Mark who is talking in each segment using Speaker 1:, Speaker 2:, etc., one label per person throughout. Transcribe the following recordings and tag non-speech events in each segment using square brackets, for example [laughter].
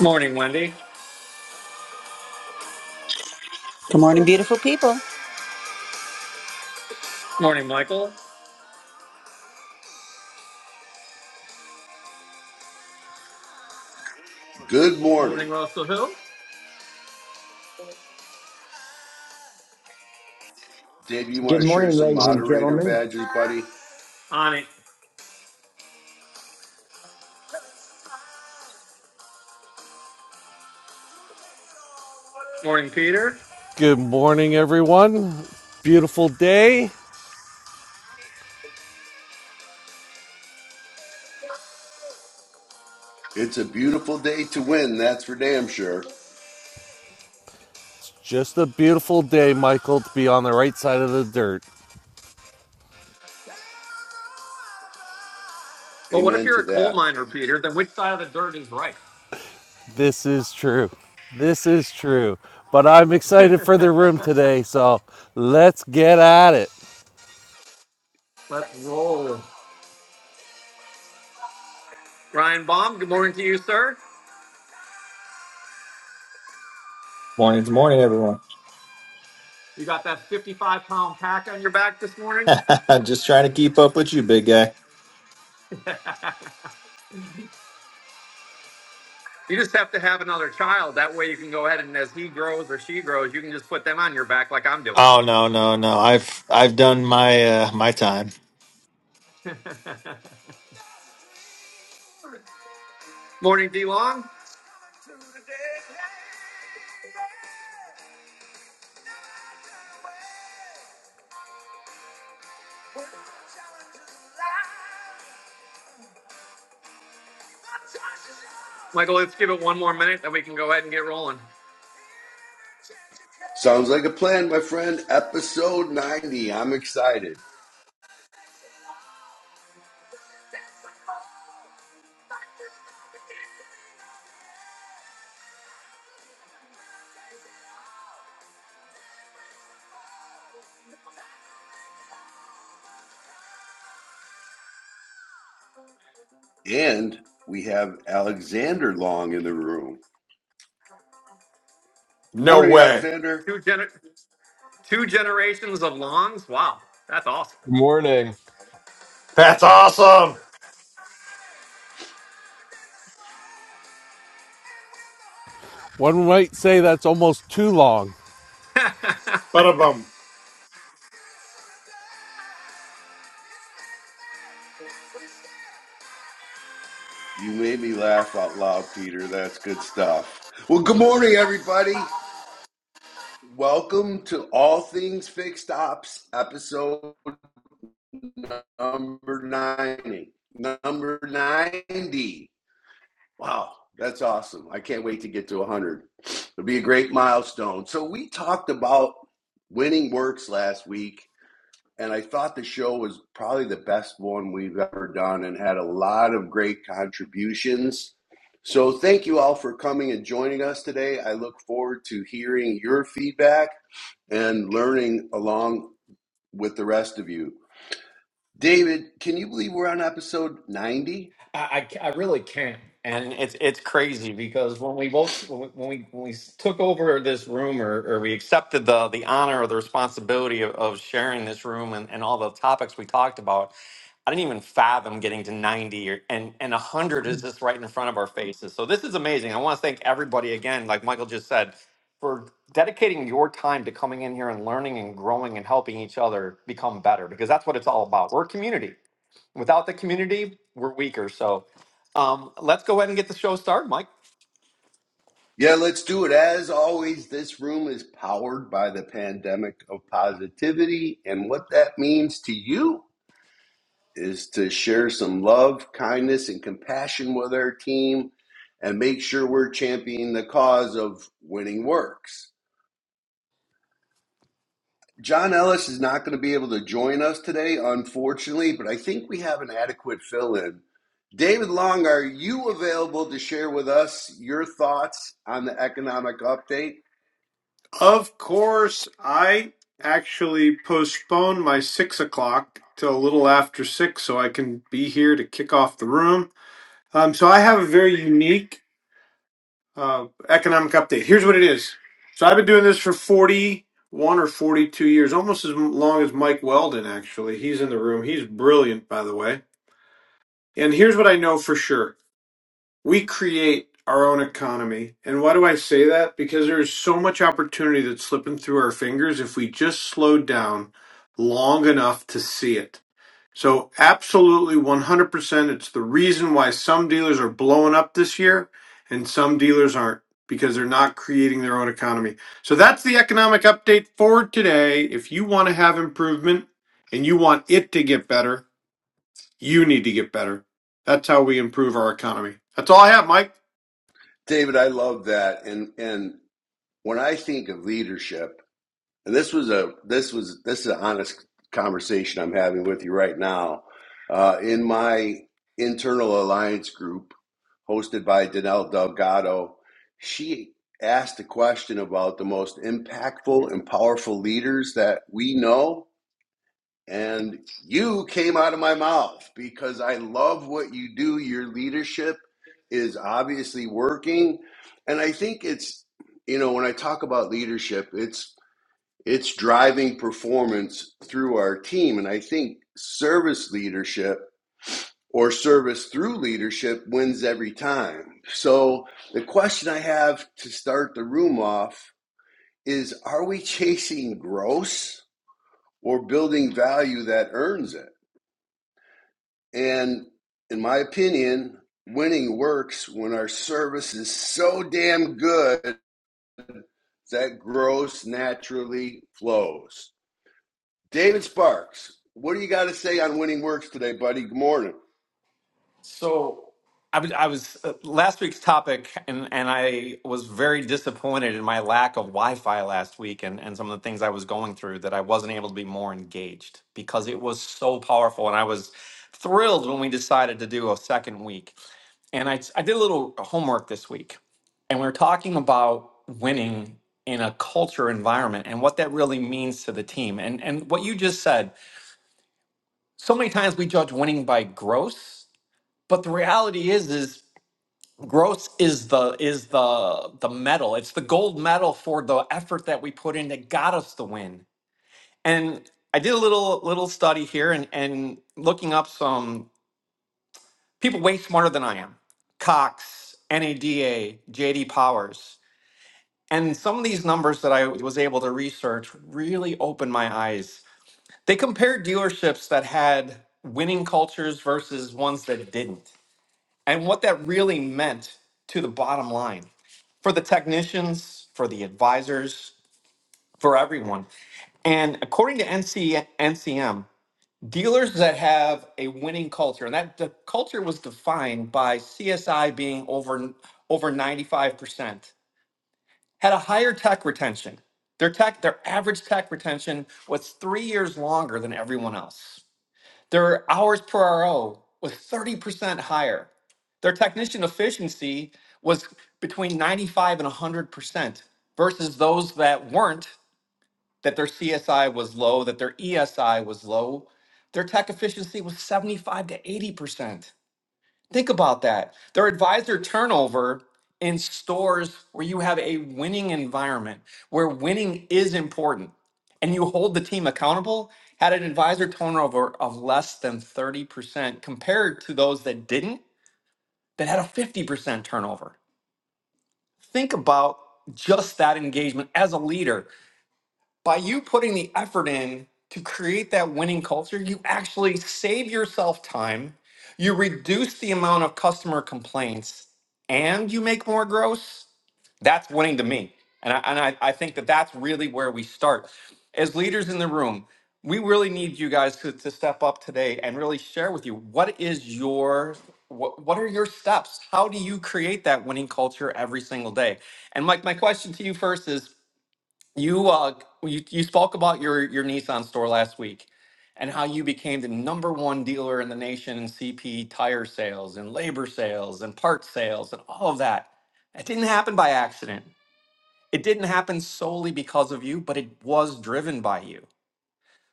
Speaker 1: Morning, Wendy.
Speaker 2: Good morning, beautiful people.
Speaker 1: Morning, Michael.
Speaker 3: Good morning.
Speaker 1: Morning, Russell Hill.
Speaker 3: Dave, you want
Speaker 4: Good
Speaker 3: to share
Speaker 4: morning,
Speaker 3: some
Speaker 4: ladies and
Speaker 3: moderator
Speaker 4: gentlemen.
Speaker 3: badges, buddy?
Speaker 1: On it. Morning, Peter.
Speaker 5: Good morning, everyone. It's a beautiful day.
Speaker 3: It's a beautiful day to win, that's for damn sure.
Speaker 5: It's just a beautiful day, Michael, to be on the right side of the dirt.
Speaker 1: Well, what if
Speaker 3: Amen
Speaker 1: you're
Speaker 3: to
Speaker 1: a coal
Speaker 3: that.
Speaker 1: miner, Peter? Then which side of the dirt is right?
Speaker 5: This is true. This is true. But I'm
Speaker 1: [laughs]
Speaker 5: excited for the room today, so let's get at it.
Speaker 1: Let's roll. Ryan Baum, good morning to you, sir.
Speaker 6: Morning's morning, everyone.
Speaker 1: You got that 55 pound pack on your back this morning?
Speaker 6: [laughs] Just trying to keep up with you, big guy.
Speaker 1: [laughs] you just have to have another child. That way you can go ahead and as he grows or she grows, you can just put them on your back like I'm doing.
Speaker 6: Oh no, no, no. I've I've done my uh my time.
Speaker 1: [laughs] Morning, D Long. Michael, let's give it one more minute, then we can go ahead and get rolling.
Speaker 3: Sounds like a plan, my friend. Episode 90. I'm excited. And we have Alexander Long in the room. Good
Speaker 7: No
Speaker 3: morning,
Speaker 7: way.
Speaker 3: Alexander.
Speaker 1: Two, gener- Two generations of longs? Wow, that's awesome.
Speaker 8: Good morning.
Speaker 7: That's awesome.
Speaker 5: One might say that's almost too long.
Speaker 1: [laughs]
Speaker 7: But bum.
Speaker 3: You made me laugh out loud, Peter. That's good stuff. Well, good morning, everybody. Welcome to All Things Fixed Ops, episode Number 90. Number 90. Wow, that's awesome. I can't wait to get to 100. It'll be a great milestone. So, we talked about winning works last week, and I thought the show was probably the best one we've ever done and had a lot of great contributions. So, thank you all for coming and joining us today. I look forward to hearing your feedback and learning along with the rest of you. David, can you believe we're on episode 90?
Speaker 1: I, I, I really can't. And it's it's crazy because when we both when we when we when we took over this room or, or we accepted the the honor or the responsibility of, of sharing this room and, and all the topics we talked about, I didn't even fathom getting to 90 or, and and 100 is just right in front of our faces. So this is amazing. I want to thank everybody again, like Michael just said, for dedicating your time to coming in here and learning and growing and helping each other become better because that's what it's all about. We're a community Without the community, we're weaker. So um, let's go ahead and get the show started, Mike.
Speaker 3: Yeah, let's do it. As always, this room is powered by the pandemic of positivity. And what that means to you is to share some love, kindness, and compassion with our team and make sure we're championing the cause of winning works. John Ellis is not going to be able to join us today, unfortunately, but I think we have an adequate fill in. David Long, are you available to share with us your thoughts on the economic update?
Speaker 7: Of course, I actually postponed my six o'clock till a little after six so I can be here to kick off the room. Um, so I have a very unique uh, economic update. Here's what it is. So I've been doing this for 41 or 42 years, almost as long as Mike Weldon, actually. He's in the room. He's brilliant, by the way. And here's what I know for sure we create our own economy. And why do I say that? Because there is so much opportunity that's slipping through our fingers if we just slowed down long enough to see it. So, absolutely 100%, it's the reason why some dealers are blowing up this year and some dealers aren't because they're not creating their own economy. So, that's the economic update for today. If you want to have improvement and you want it to get better, you need to get better. That's how we improve our economy. That's all I have, Mike.
Speaker 3: David, I love that. And and when I think of leadership, and this was a this was this is an honest conversation I'm having with you right now. Uh, in my internal alliance group, hosted by Danelle Delgado. She asked a question about the most impactful and powerful leaders that we know. And you came out of my mouth because I love what you do. Your leadership is obviously working. And I think it's, you know, when I talk about leadership, it's, it's driving performance through our team. And I think service leadership or service through leadership wins every time. So, the question I have to start the room off is Are we chasing gross or building value that earns it? And in my opinion, winning works when our service is so damn good that gross naturally flows. David Sparks, what do you got to say on winning works today, buddy? Good morning.
Speaker 1: So I was, I was uh, last week's topic, and, and I was very disappointed in my lack of Wi Fi last week and, and some of the things I was going through that I wasn't able to be more engaged because it was so powerful. And I was thrilled when we decided to do a second week. and I, I did a little homework this week and we are talking about winning in a culture environment and what that really means to the team and and what you just said so many times we judge winning by gross but the reality is is gross is the is the the medal it's the gold medal for the effort that we put in that got us the win and i did a little little study here and and looking up some people way smarter than i am Cox, NADA, JD Powers. And some of these numbers that I was able to research really opened my eyes. They compared dealerships that had winning cultures versus ones that didn't, and what that really meant to the bottom line for the technicians, for the advisors, for everyone. And according to NC, NCM, dealers that have a winning culture, and that the culture was defined by CSI being over over 95%, had a higher tech retention. Their tech, their average tech retention was three years longer than everyone else. Their hours per RO was 30% higher. Their technician efficiency was between 95 and 100% versus those that weren't, that their CSI was low, that their ESI was low. Their tech efficiency was 75 to 80%. Think about that. Their advisor turnover in stores where you have a winning environment, where winning is important, and you hold the team accountable, had an advisor turnover of less than 30% compared to those that didn't, that had a 50% turnover. Think about just that engagement as a leader by you putting the effort in to create that winning culture, you actually save yourself time, you reduce the amount of customer complaints, and you make more gross. That's winning to me. And I, and I, I think that that's really where we start. As leaders in the room, we really need you guys to, to step up today and really share with you what is your what, what are your steps how do you create that winning culture every single day and mike my question to you first is you uh you, you spoke about your your Nissan store last week and how you became the number one dealer in the nation in CP tire sales and labor sales and part sales and all of that. It didn't happen by accident. It didn't happen solely because of you, but it was driven by you.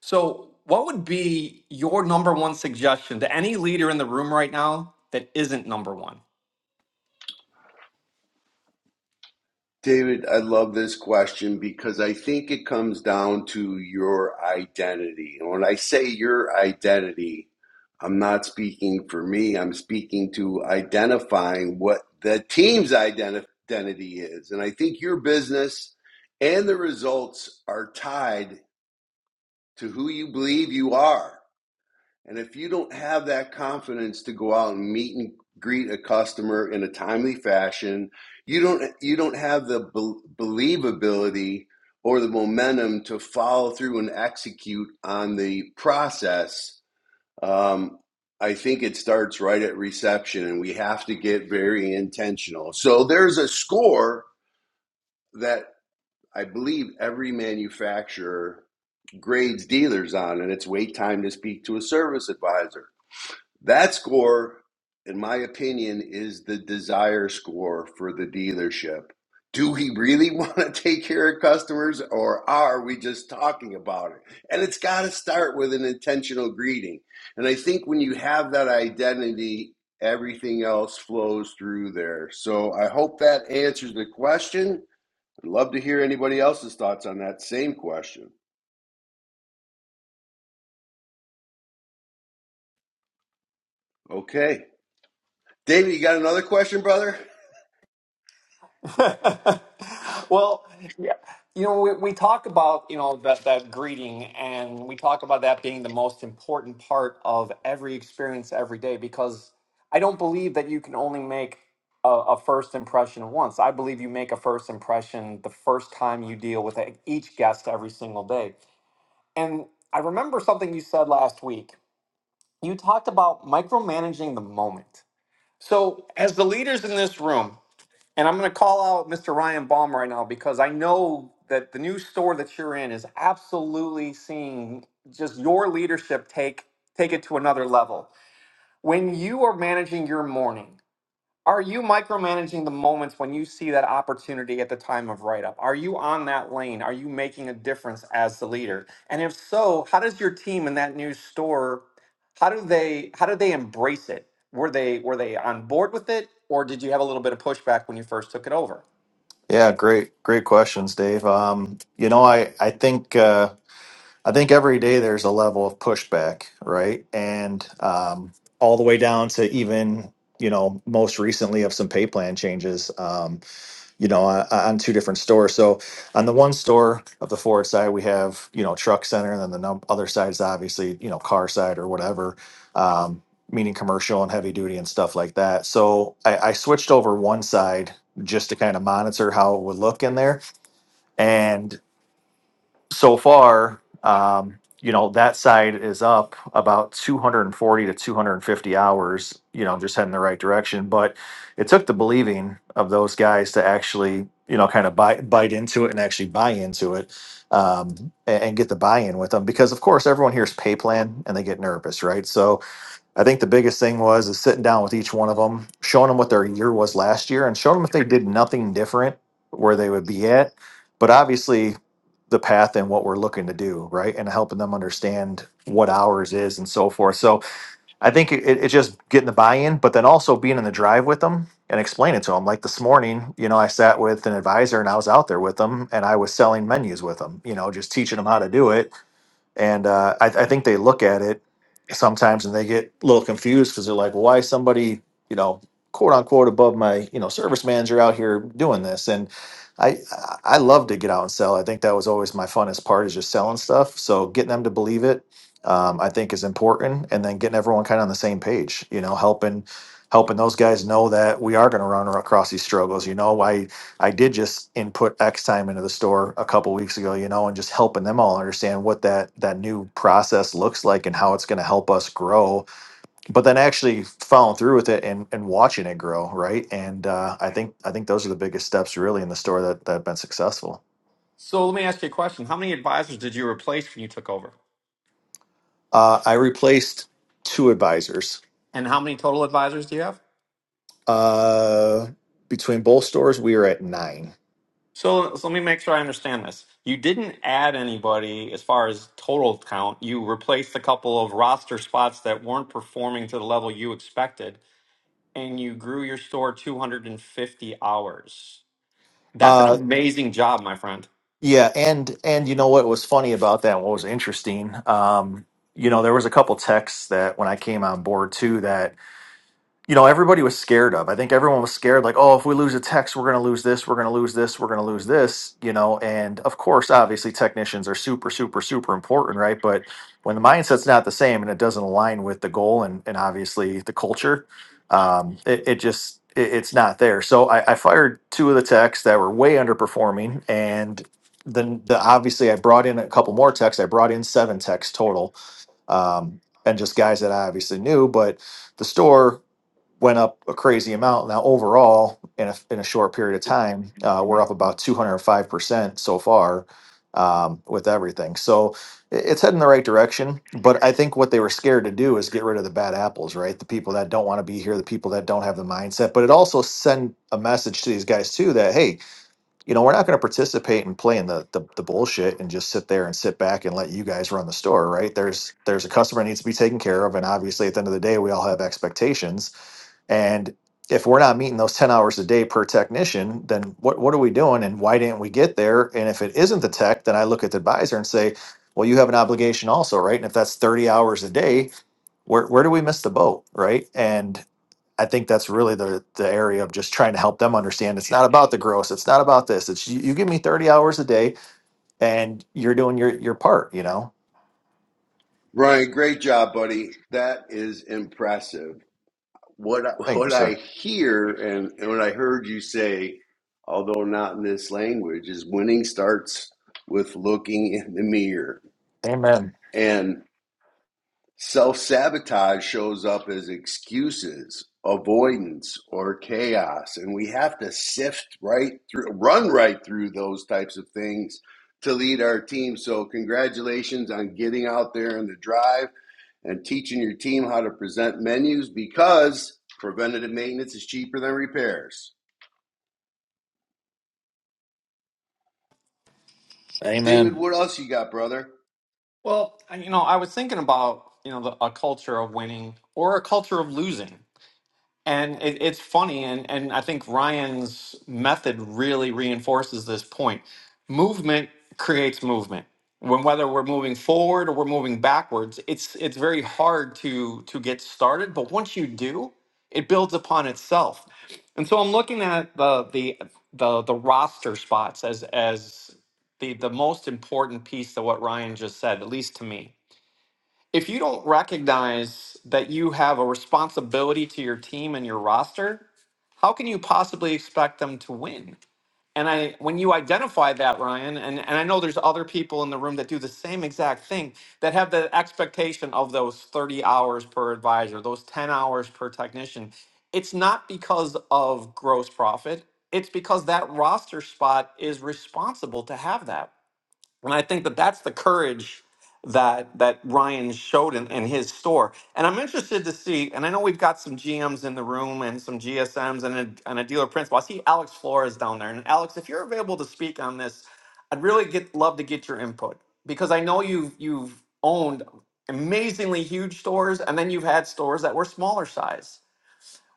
Speaker 1: So, what would be your number one suggestion to any leader in the room right now that isn't number one?
Speaker 3: David, I love this question because I think it comes down to your identity. And when I say your identity, I'm not speaking for me, I'm speaking to identifying what the team's identity is. And I think your business and the results are tied to who you believe you are. And if you don't have that confidence to go out and meet and greet a customer in a timely fashion, you don't you don't have the bel believability or the momentum to follow through and execute on the process. Um, I think it starts right at reception, and we have to get very intentional. So there's a score that I believe every manufacturer grades dealers on, and it's wait time to speak to a service advisor that score, in my opinion, is the desire score for the dealership. Do we really [laughs] want to take care of customers or are we just talking about it? And it's got to start with an intentional greeting. And I think when you have that identity, everything else flows through there. So I hope that answers the question. I'd love to hear anybody else's thoughts on that same question. Okay. David, you got another question, brother?
Speaker 1: [laughs] well, yeah. you know, we, we talk about, you know, that, that greeting and we talk about that being the most important part of every experience every day because I don't believe that you can only make a, a first impression once. I believe you make a first impression the first time you deal with e-, each guest every single day. And I remember something you said last week. You talked about micromanaging the moment. So, as the leaders in this room, and I'm going to call out Mr. Ryan Baum right now because I know that the new store that you're in is absolutely seeing just your leadership take take it to another level. When you are managing your morning, are you micromanaging the moments when you see that opportunity at the time of write up? Are you on that lane? Are you making a difference as the leader? And if so, how does your team in that new store how do they how do they embrace it? Were they were they on board with it or did you have a little bit of pushback when you first took it over?
Speaker 6: Yeah, great, great questions, Dave. Um, you know, I I think uh, I think every day there's a level of pushback, right? And um, all the way down to even you know most recently of some pay plan changes. Um, you know, on, on two different stores. So on the one store of the Ford side, we have, you know, truck center and then the num- other side is obviously, you know, car side or whatever, um, meaning commercial and heavy duty and stuff like that. So I, I switched over one side just to kind of monitor how it would look in there so far, um, you know, that side is up about 240 to 250 hours, you know, just heading the right direction. But it took the believing of those guys to actually, you know, kind of buy, bite into it and actually buy into it um, a- and, get the buy in with them. Because, of course, everyone hears pay plan and they get nervous, right? So I think the biggest thing was is sitting down with each one of them, showing them what their year was last year and showing them if they did nothing different where they would be at but obviously the path and what we're looking to do, right? And helping them understand what ours is and so forth. So I think it, it's just getting the buy-in, but then also being in the drive with them and explaining to them. Like this morning, you know, I sat with an advisor and I was out there with them and I was selling menus with them, you know, just teaching them how to do it and uh, I, I think they look at it sometimes and they get a little confused because they're like, why is somebody, you know, quote unquote above my, you know, service manager out here doing this? And I, I I love to get out and sell. I think that was always my funnest part is just selling stuff. So getting them to believe it, um, I think is important. And then getting everyone kind of on the same page, you know, helping, helping those guys know that we are going to run across these struggles. You know, why? I did just input X time into the store a couple weeks ago, you know, and just helping them all understand what that that new process looks like and how it's going to help us grow. But then actually following through with it and, and watching it grow, right? And uh, I think I think those are the biggest steps really in the store that that have been successful.
Speaker 1: So let me ask you a question. How many advisors did you replace when you took over?
Speaker 6: Uh, I replaced two advisors
Speaker 1: And how many total advisors do you have?
Speaker 6: uh, between both stores. We are at nine.
Speaker 1: So, so let me make sure I understand this. You didn't add anybody as far as total count. You replaced a couple of roster spots that weren't performing to the level you expected, and you grew your store 250 hours. That's an
Speaker 6: Uh,
Speaker 1: amazing job, my friend.
Speaker 6: Yeah, and and you know what was funny about that? and What was interesting? Um, you know, there was a couple texts that when I came on board too that you know everybody was scared of. I think everyone was scared, like, oh, if we lose a text, we're going to lose this, we're going to lose this, we're going to lose this, you know. And of course, obviously, technicians are super, super, super important, right? But when the mindset's not the same and it doesn't align with the goal and and obviously the culture, um, it, it just it, it's not there. So I, I fired two of the techs that were way underperforming, and then the, obviously I brought in a couple more techs. I brought in seven techs total, um, and just guys that I obviously knew, but the store went up a crazy amount. Now, overall, in a, in a short period of time, uh, we're up about 205% so far um, with everything. So i- it's heading the right direction. But I think what they were scared to do is get rid of the bad apples, right? The people that don't want to be here, the people that don't have the mindset. But it also sent a message to these guys, too, that, hey, you know, we're not going to participate in playing the, the the bullshit and just sit there and sit back and let you guys run the store, right? There's there's a customer that needs to be taken care of, and obviously, at the end of the day, we all have expectations and if we're not meeting those 10 hours a day per technician, then what, what are we doing and why didn't we get there? And if it isn't the tech, then I look at the advisor and say, well, you have an obligation also, right? And if that's 30 hours a day, where, where do we miss the boat, right? And I think that's really the, the area of just trying to help them understand it's not about the gross, it's not about this. It's you, you give me 30 hours a day and you're doing your, your part, you know?
Speaker 3: Ryan, great job, buddy. That is impressive. What I,
Speaker 6: Thank you,
Speaker 3: what I
Speaker 6: sir.
Speaker 3: hear and, and what I heard you say, although not in this language, is winning starts with looking in the mirror.
Speaker 6: Amen.
Speaker 3: And self sabotage shows up as excuses, avoidance, or chaos. And we have to sift right through, run right through those types of things to lead our team. So, congratulations on getting out there in the drive and teaching your team how to present menus because preventative maintenance is cheaper than repairs. David,
Speaker 6: Amen.
Speaker 3: what else you got, brother?
Speaker 1: Well, I- you know, I was thinking about, you know, the, a culture of winning or a culture of losing. And it, it's funny, and, and I think Ryan's method really reinforces this point. Movement creates movement. When whether we're moving forward or we're moving backwards, it's it's very hard to to get started. But once you do, it builds upon itself. And so I'm looking at the the the, the roster spots as as the the most important piece to what Ryan just said, at least to me if you don't recognize that you have a responsibility to your team and your roster, how can you possibly expect them to win? And I when you identify that, Ryan, and, and I know there's other people in the room that do the same exact thing that have the expectation of those 30 hours per advisor, those 10 hours per technician. It's not because of gross profit. It's because that roster spot is responsible to have that and I think that that's the courage that that Ryan showed in, in his store. And I'm interested to see. And I know we've got some GMs in the room and some GSMs and a, and a dealer principal. I see Alex Flores down there. And Alex, if you're available to speak on this, I'd really get love to get your input because I know you've you've owned amazingly huge stores and then you've had stores that were smaller size.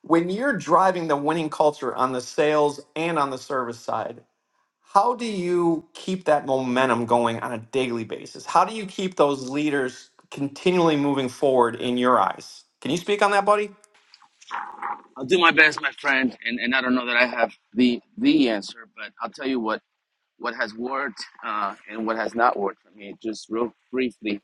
Speaker 1: When you're driving the winning culture on the sales and on the service side how do you keep that momentum going on a daily basis? How do you keep those leaders continually moving forward in your eyes? Can you speak on that, buddy?
Speaker 9: I'll do my best, my friend, and, and I don't know that I have the the answer, but I'll tell you what what has worked uh, and what has not worked for me, just real briefly,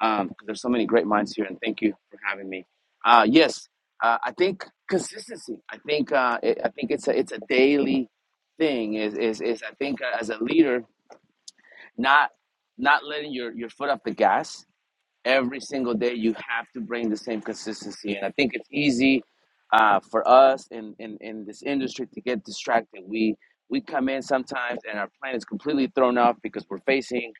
Speaker 9: because there's so many great minds here, and thank you for having me. Uh, yes, uh, I think consistency. I think uh, it, I think it's a it's a daily thing. Is is is I think uh, as a leader, not not letting your your foot off the gas every single day you have to bring the same consistency and i think it's easy uh, for us in, in, in this industry to get distracted we we come in sometimes and our plan is completely thrown off because we're facing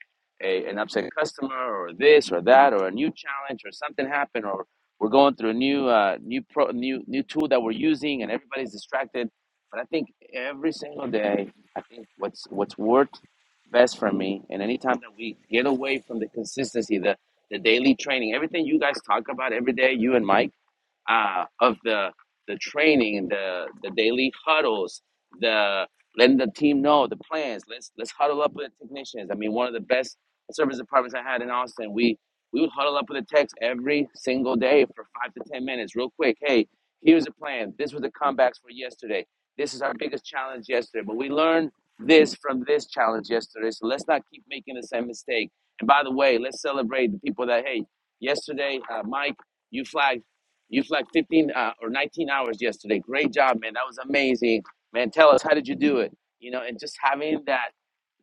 Speaker 9: a, an upset customer or this or that or a new challenge or something happened or we're going through a new uh, new pro new new tool that we're using and everybody's distracted but i think every single day i think what's what's worked best for me and anytime that we get away from the consistency the the daily training, everything you guys talk about every day, you and Mike uh, of the the training, the the daily huddles, the letting the team know the plans. Let's let's huddle up with the technicians. I mean, one of the best service departments I had in Austin, we we would huddle up with the techs every single day for five to ten minutes, real quick. Hey, here's the plan. This was the comebacks for yesterday. This is our biggest challenge yesterday, but we learned this from this challenge yesterday. So let's not keep making the same mistake. And by the way, let's celebrate the people that hey, yesterday, uh, Mike you flagged you slept 15 uh, or 19 hours yesterday. Great job, man. That was amazing, man. Tell us how did you do it? You know, and just having that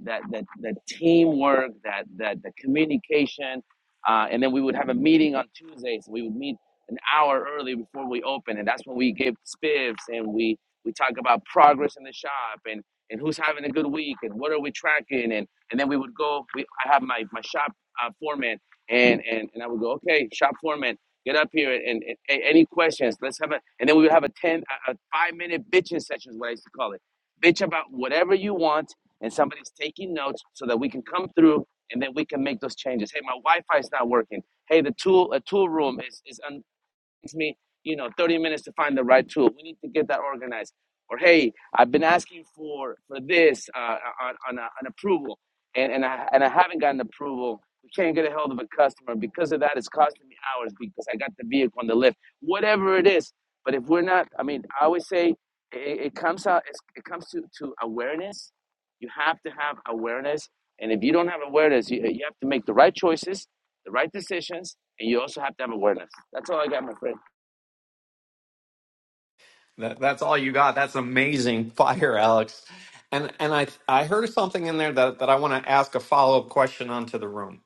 Speaker 9: that that that teamwork, that that the communication, uh, and then we would have a meeting on Tuesdays. We would meet an hour early before we open, and that's when we give spiffs and we we talk about progress in the shop and and who's having a good week and what are we tracking and and then we would go. We I have my my shop uh, foreman and and and I would go okay shop foreman Get up here and, and, and any questions. Let's have a and then we would have a ten a, a five minute bitching session is what I used to call it. Bitch about whatever you want, and somebody's taking notes so that we can come through and then we can make those changes. Hey, my Wi-Fi is not working. Hey, the tool a tool room is is un takes me, you know, 30 minutes to find the right tool. We need to get that organized. Or hey, I've been asking for for this uh, uh, on on a, an approval, and and I and I haven't gotten approval. We can't get a hold of a customer because of that. It's costing me hours because I got the vehicle on the lift. Whatever it is, but if we're not, I mean, I always say it, it comes out. it comes to to awareness. You have to have awareness, and if you don't have awareness, you, you have to make the right choices, the right decisions, and you also have to have awareness. That's all I got, my friend.
Speaker 1: That, that's all you got. That's amazing [laughs] fire, Alex. And and I I heard something in there that, that I want to ask a follow-up question onto the room.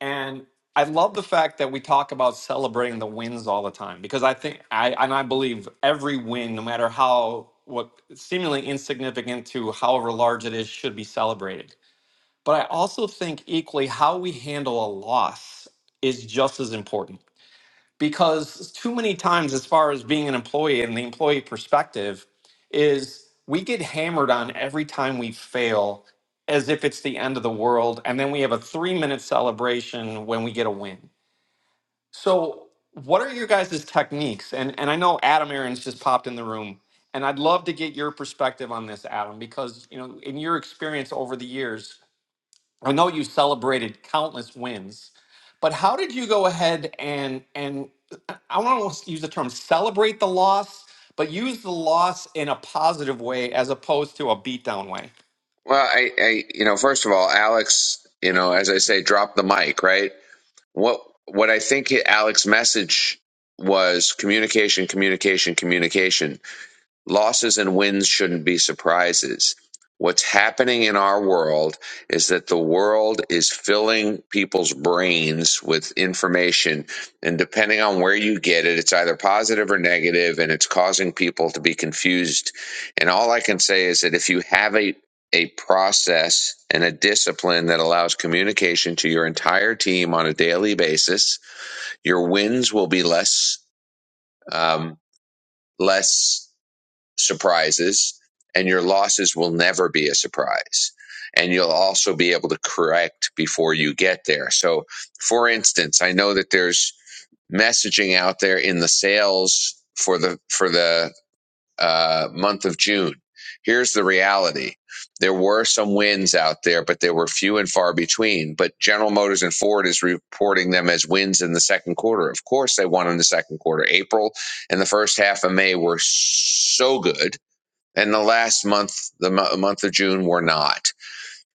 Speaker 1: And I love the fact that we talk about celebrating the wins all the time because I think I and I believe every win, no matter how what seemingly insignificant to however large it is, should be celebrated. But I also think equally how we handle a loss is just as important because too many times, as far as being an employee and the employee perspective, is we get hammered on every time we fail as if it's the end of the world. And then we have a three minute celebration when we get a win. So, what are your guys' techniques? And, and I know Adam Aaron's just popped in the room. And I'd love to get your perspective on this, Adam, because you know, in your experience over the years, I know you celebrated countless wins, but how did you go ahead and and I want to use the term celebrate the loss, but use the loss in a positive way as opposed to a beatdown way?
Speaker 10: Well, I, I, you know, first of all, Alex, you know, as I say, drop the mic, right? What, what I think Alex's message was communication, communication, communication. Losses and wins shouldn't be surprises. What's happening in our world is that the world is filling people's brains with information. And depending on where you get it, it's either positive or negative, and it's causing people to be confused. And all I can say is that if you have a a process and a discipline that allows communication to your entire team on a daily basis, your wins will be less um, less surprises and your losses will never be a surprise. And you'll also be able to correct before you get there. So, for instance, I know that there's messaging out there in the sales for the, for the uh, month of June. Here's the reality. There were some wins out there, but they were few and far between. But General Motors and Ford is reporting them as wins in the second quarter. Of course, they won in the second quarter. April and the first half of May were so good and the last month, the mo- month of June, were not.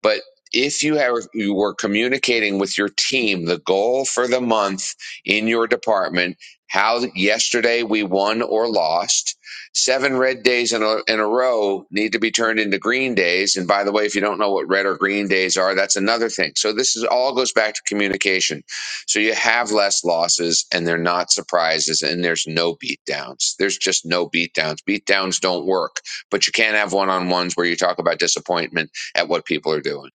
Speaker 10: But if you have you were communicating with your team the goal for the month in your department, how yesterday we won or lost, seven red days in a, in a row need to be turned into green days. And by the way, if you don't know what red or green days are, that's another thing. So this is all goes back to communication. So you have less losses, and they're not surprises, and there's no beatdowns. There's just no beatdowns. Beatdowns don't work, but you can have one on ones where you talk about disappointment at what people are doing.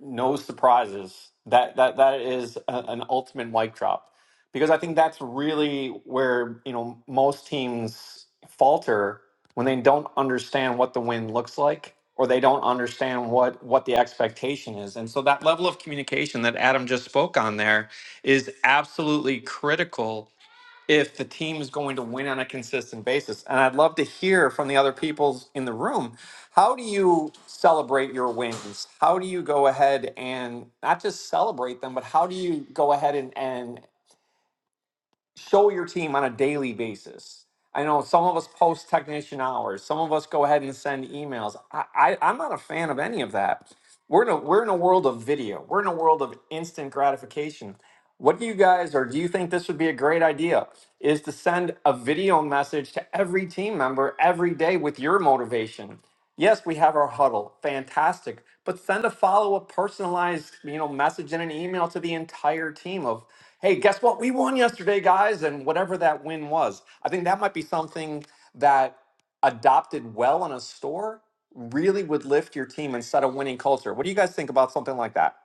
Speaker 1: no surprises. That that that is a, an ultimate mic drop, because I think that's really where you know most teams falter when they don't understand what the win looks like, or they don't understand what what the expectation is. And so that level of communication that Adam just spoke on there is absolutely critical if the team is going to win on a consistent basis. And I'd love to hear from the other people in the room. How do you celebrate your wins? How do you go ahead and not just celebrate them, but how do you go ahead and, and show your team on a daily basis. I know some of us post technician hours, some of us go ahead and send emails. I, I I'm not a fan of any of that. We're in a we're in a world of video. We're in a world of instant gratification. What do you guys or do you think this would be a great idea? Is to send a video message to every team member every day with your motivation. Yes, we have our huddle. Fantastic. But send a follow-up personalized, you know, message in an email to the entire team of hey, guess what? We won yesterday, guys, and whatever that win was. I think that might be something that adopted well in a store really would lift your team and set a winning culture. What do you guys think about something like that?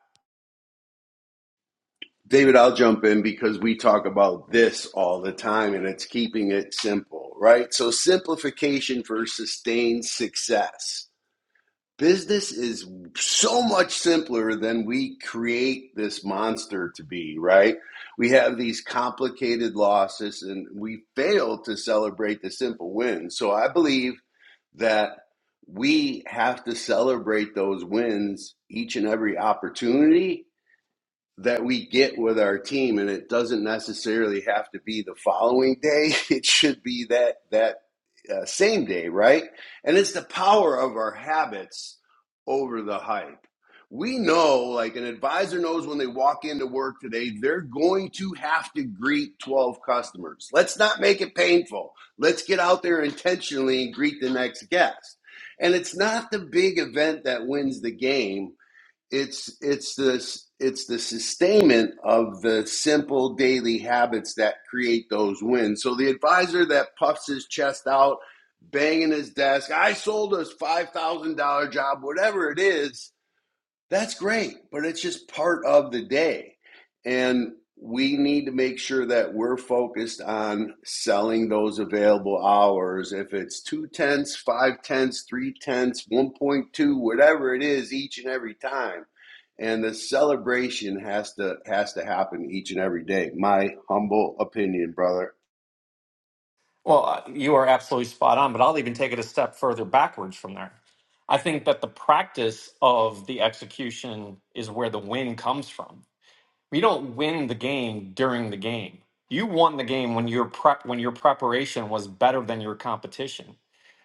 Speaker 3: David, I'll jump in because we talk about this all the time and it's keeping it simple, right? So, simplification for sustained success. Business is so much simpler than we create this monster to be, right? We have these complicated losses and we fail to celebrate the simple wins. So, I believe that we have to celebrate those wins each and every opportunity that we get with our team and it doesn't necessarily have to be the following day [laughs] it should be that that uh, same day right and it's the power of our habits over the hype we know like an advisor knows when they walk into work today they're going to have to greet 12 customers let's not make it painful let's get out there intentionally and greet the next guest and it's not the big event that wins the game it's it's this it's the sustainment of the simple daily habits that create those wins. So the advisor that puffs his chest out, banging his desk, I sold a five thousand dollar job, whatever it is, that's great, but it's just part of the day. And we need to make sure that we're focused on selling those available hours. If it's two tenths, five tenths, three tenths, 1.2, whatever it is each and every time. And the celebration has to has to happen each and every day. My humble opinion, brother.
Speaker 1: Well, uh, you are absolutely spot on, but I'll even take it a step further backwards from there. I think that the practice of the execution is where the win comes from. We don't win the game during the game. You won the game when your prep when your preparation was better than your competition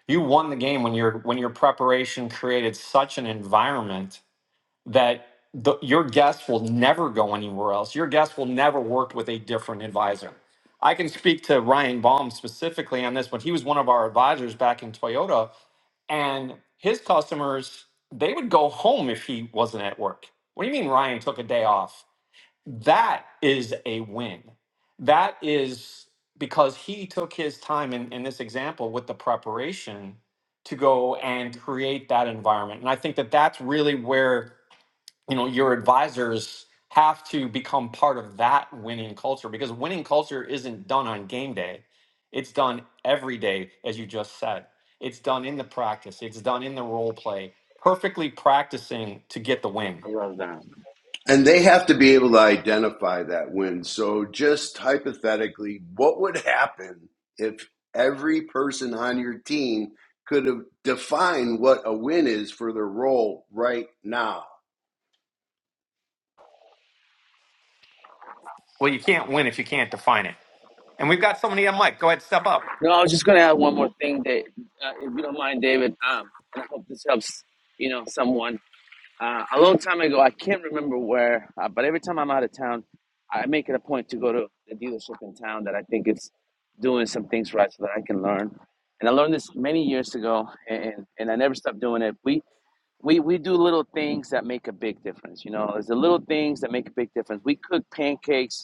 Speaker 1: You won the game when your when your preparation created such an environment that the, your guests will never go anywhere else. Your guests will never work with a different advisor. I can speak to Ryan Baum specifically on this, but he was one of our advisors back in Toyota, and his customers they would go home if he wasn't at work. What do you mean Ryan took a day off? that is a win. That is because he took his time in, in this example with the preparation to go and create that environment. And I think that that's really where, you know, your advisors have to become part of that winning culture because winning culture isn't done on game day. It's done every day, as you just said. It's done in the practice. It's done in the role play, perfectly practicing to get the win.
Speaker 9: And you have that.
Speaker 3: And they have to be able to identify that win. So, just hypothetically, what would happen if every person on your team could have defined what a win is for their role right now?
Speaker 1: Well, you can't win if you can't define it. And we've got somebody on mic. Go ahead, step up.
Speaker 9: No, I was just gonna add one more thing that, uh, if you don't mind, David. Um, and I hope this helps. You know, someone. Uh, a long time ago, I can't remember where, uh, but every time I'm out of town, I make it a point to go to the dealership in town that I think is doing some things right, so that I can learn. And I learned this many years ago, and and I never stopped doing it. We we we do little things that make a big difference. You know, it's the little things that make a big difference. We cook pancakes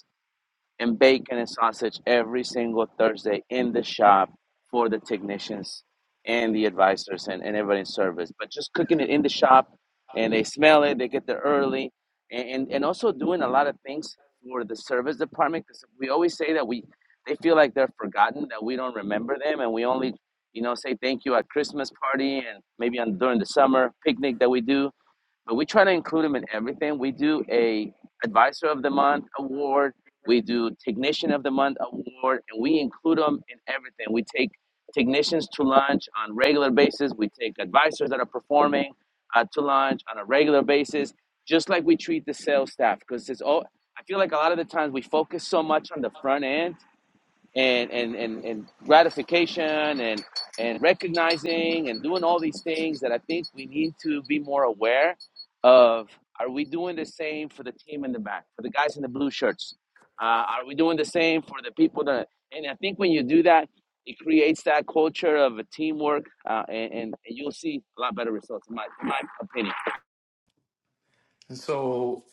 Speaker 9: and bacon and sausage every single Thursday in the shop for the technicians and the advisors and, and everybody in service. But just cooking it in the shop and they smell it, they get there early, and, and, and also doing a lot of things for the service department because we always say that we they feel like they're forgotten, that we don't remember them, and we only you know say thank you at Christmas party and maybe on during the summer picnic that we do but we try to include them in everything. We do a advisor of the month award, we do technician of the month award, and we include them in everything. We take technicians to lunch on regular basis. We take advisors that are performing uh, to lunch on a regular basis, just like we treat the sales staff. Because it's all I feel like a lot of the times we focus so much on the front end and and and, and gratification and and recognizing and doing all these things that I think we need to be more aware of. Are we doing the same for the team in the back, for the guys in the blue shirts? Uh, are we doing the same for the people that? And I think when you do that, it creates that culture of a teamwork, uh, and, and you'll see a lot better results, in my, in my opinion.
Speaker 1: So,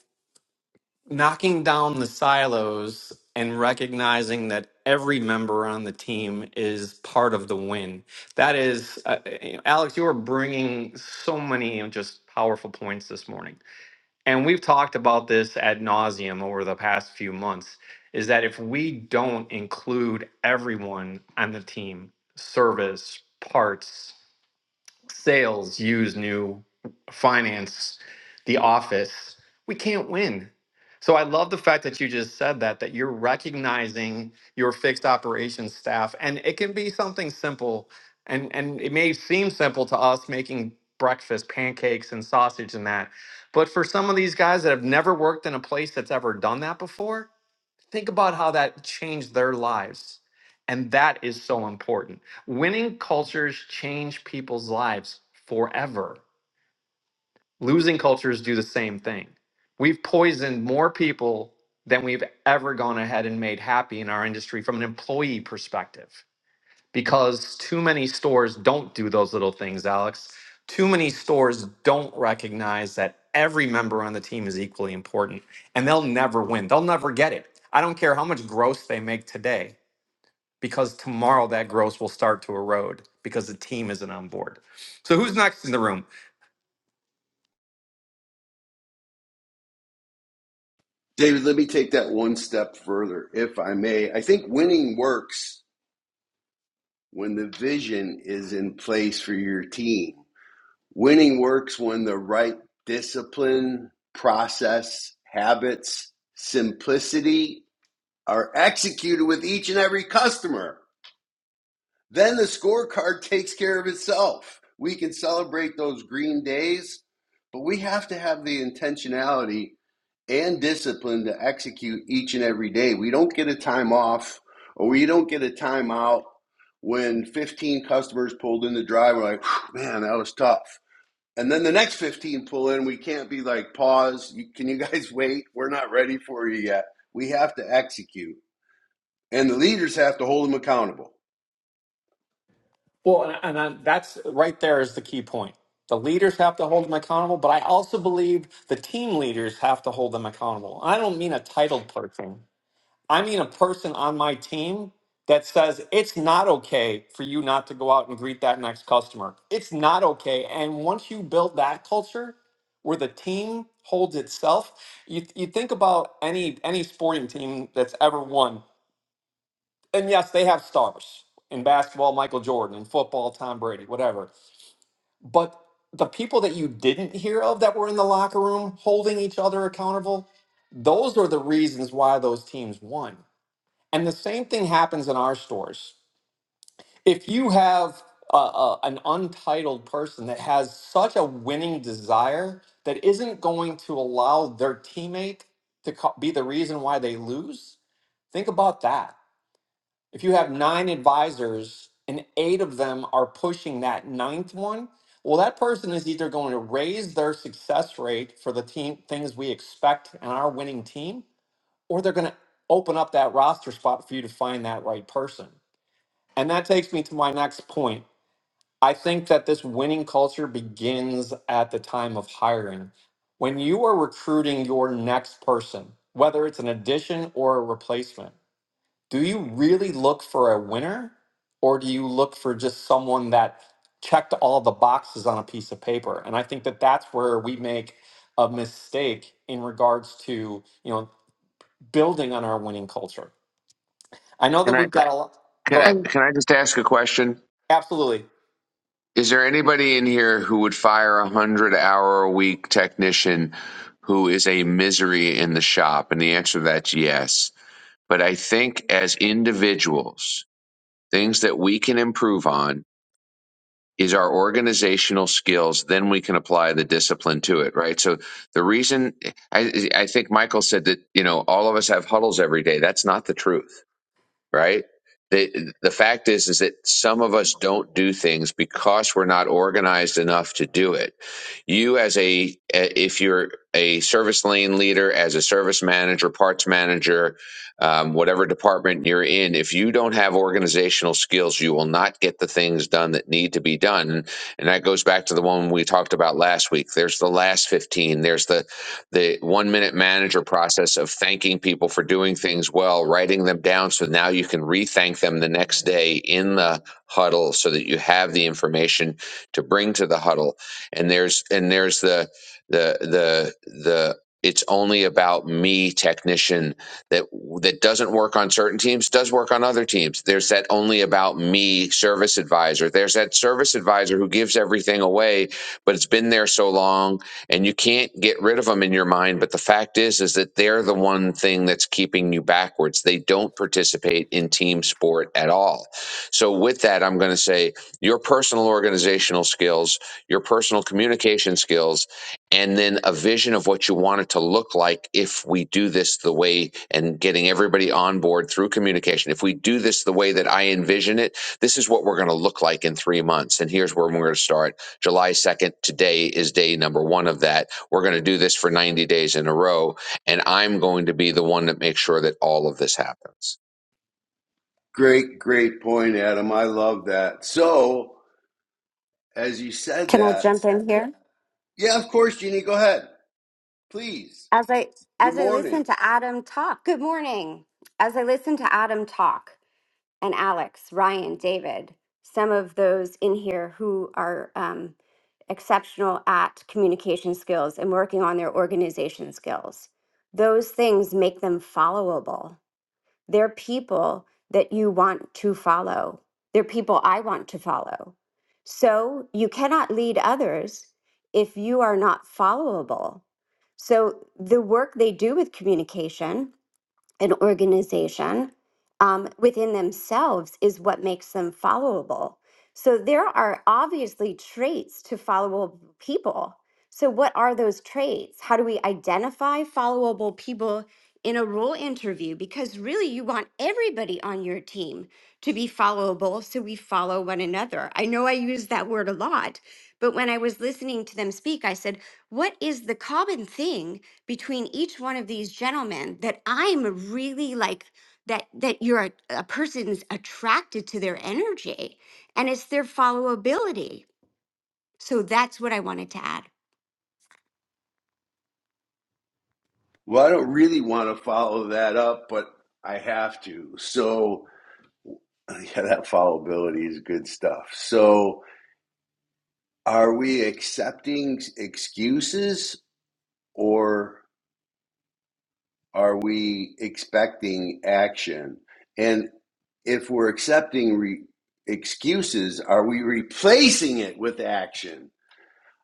Speaker 1: knocking down the silos and recognizing that every member on the team is part of the win. That is, uh, you know, Alex, you are bringing so many of just powerful points this morning. And we've talked about this ad nauseum over the past few months is that if we don't include everyone on the team, service, parts, sales use new finance, the office, we can't win. So I love the fact that you just said that, that you're recognizing your fixed operations staff. And it can be something simple. And, and it may seem simple to us making breakfast, pancakes, and sausage and that. But for some of these guys that have never worked in a place that's ever done that before, Think about how that changed their lives. And that is so important. Winning cultures change people's lives forever. Losing cultures do the same thing. We've poisoned more people than we've ever gone ahead and made happy in our industry from an employee perspective because too many stores don't do those little things, Alex. Too many stores don't recognize that every member on the team is equally important and they'll never win. They'll never get it. I don't care how much gross they make today because tomorrow that gross will start to erode because the team isn't on board. So, who's next in the room?
Speaker 3: David, let me take that one step further, if I may. I think winning works when the vision is in place for your team. Winning works when the right discipline, process, habits, simplicity are executed with each and every customer. Then the scorecard takes care of itself. We can celebrate those green days, but we have to have the intentionality and discipline to execute each and every day. We don't get a time off or we don't get a timeout when 15 customers pulled in the drive. We're like, man, that was tough. And then the next 15 pull in, we can't be like, pause, can you guys [laughs] wait? We're not ready for you yet. We have to execute and the leaders have to hold them accountable.
Speaker 1: Well, and, and I, that's right there is the key point. The leaders have to hold them accountable, but I also believe the team leaders have to hold them accountable. I don't mean a titled person. I mean a person on my team that says it's not okay for you not to go out and greet that next customer. It's not okay. And once you build that culture where the team holds itself, you, you think about any any sporting team that's ever won. And yes, they have stars. In basketball, Michael Jordan, in football, Tom Brady, whatever. But the people that you didn't hear of that were in the locker room holding each other accountable, those are the reasons why those teams won. And the same thing happens in our stores. If you have uh, uh, an untitled person that has such a winning desire that isn't going to allow their teammate to co- be the reason why they lose, think about that. If you have nine advisors and eight of them are pushing that ninth one, well, that person is either going to raise their success rate for the team things we expect in our winning team, or they're going to open up that roster spot for you to find that right person. And that takes me to my next point. I think that this winning culture begins at the time of hiring. When you are recruiting your next person, whether it's an addition or a replacement, do you really look for a winner or do you look for just someone that checked all the boxes on a piece of paper? And I think that that's where we make a mistake in regards to, you know, building on our winning culture. I know
Speaker 10: Can
Speaker 1: that
Speaker 10: I
Speaker 1: we've got a lot.
Speaker 10: can
Speaker 1: Go
Speaker 10: I
Speaker 1: ahead.
Speaker 10: can I just ask a question?
Speaker 1: Absolutely.
Speaker 10: Is there anybody in here who would fire a hundred hour a week technician who is a misery in the shop? And the answer to that's yes. But I think as individuals, things that we can improve on is our organizational skills. Then we can apply the discipline to it, right? So the reason I, I think Michael said that you know all of us have huddles every day. That's not the truth right? The the fact is is that some of us don't do things because we're not organized enough to do it. You as a if you're a service lane leader, as a service manager, parts manager, um, whatever department you're in, if you don't have organizational skills, you will not get the things done that need to be done. And that goes back to the one we talked about last week. There's the last 15. There's the the one minute manager process of thanking people for doing things well, writing them down so now you can re thank them the next day in the huddle so that you have the information to bring to the huddle. And there's and there's the the the the it's only about me technician that that doesn't work on certain teams does work on other teams there's that only about me service advisor there's that service advisor who gives everything away but it's been there so long and you can't get rid of them in your mind but the fact is is that they're the one thing that's keeping you backwards they don't participate in team sport at all so with that i'm going to say your personal organizational skills your personal communication skills and then a vision of what you want it to look like if we do this the way and getting everybody on board through communication if we do this the way that i envision it this is what we're going to look like in three months and here's where we're going to start July 2nd, today is day number one of that. We're going to do this for 90 days in a row, and I'm going to be the one that makes sure that all of this happens.
Speaker 3: Great, great point, Adam. I love that. So, as you said
Speaker 11: Can I
Speaker 3: that,
Speaker 11: jump in here?
Speaker 3: yeah, of course, Jeannie, go ahead. Please.
Speaker 11: As I
Speaker 3: Good
Speaker 11: as I
Speaker 3: morning.
Speaker 11: listen to Adam talk, good morning. As I listen to Adam talk and Alex, Ryan, David, some of those in here who are um, exceptional at communication skills and working on their organization skills, those things make them followable They're people that you want to follow. They're people I want to follow. So you cannot lead others if you are not followable. So the work they do with communication an organization um, within themselves is what makes them followable. So there are obviously traits to followable people. So, what are those traits? How do we identify followable people in a role interview? Because really, you want everybody on your team to be followable so we follow one another. I know I use that word a lot, but when I was listening to them speak, I said, What is the common thing between each one of these gentlemen that I'm really like that that you're a, a person's attracted to their energy and it's their followability. So that's what I wanted to add.
Speaker 3: Well, I don't really want to follow that up, but I have to. So, [laughs] yeah, that followability is good stuff. So, are we accepting excuses or are we expecting action? And. if we're accepting re- excuses, are we replacing it with action?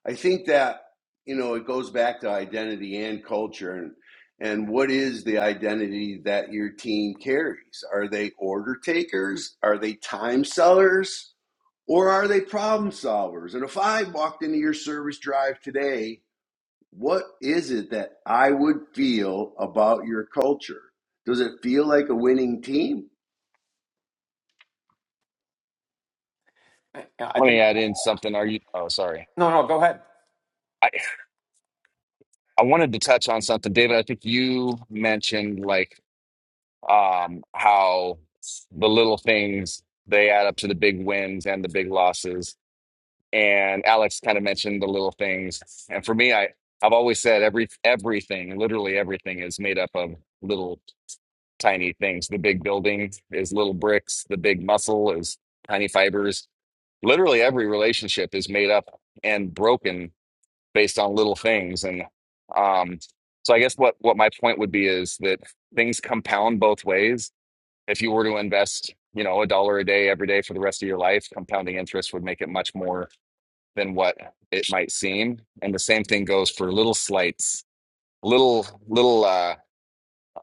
Speaker 3: I think that you know it goes back to identity and culture, and and what is the identity that your team carries? Are they order takers? Are they time sellers? Or are they problem solvers? And if I walked into your service drive today, what is it that I would feel about your culture? Does it feel like a winning team?
Speaker 1: I I
Speaker 12: Let
Speaker 1: think
Speaker 12: me add in something. Are you? Oh, sorry.
Speaker 1: No, no, go ahead.
Speaker 12: I I wanted to touch on something, David. I think you mentioned like um how the little things they add up to the big wins and the big losses. And Alex kind of mentioned the little things. And for me, I I've always said every everything, literally everything, is made up of little tiny things. The big building is little bricks. The big muscle is tiny fibers. Literally every relationship is made up and broken based on little things. And um, so I guess what what my point would be is that things compound both ways. If you were to invest, you know, a dollar a day every day for the rest of your life, compounding interest would make it much more than what it might seem. And the same thing goes for little slights, little little uh,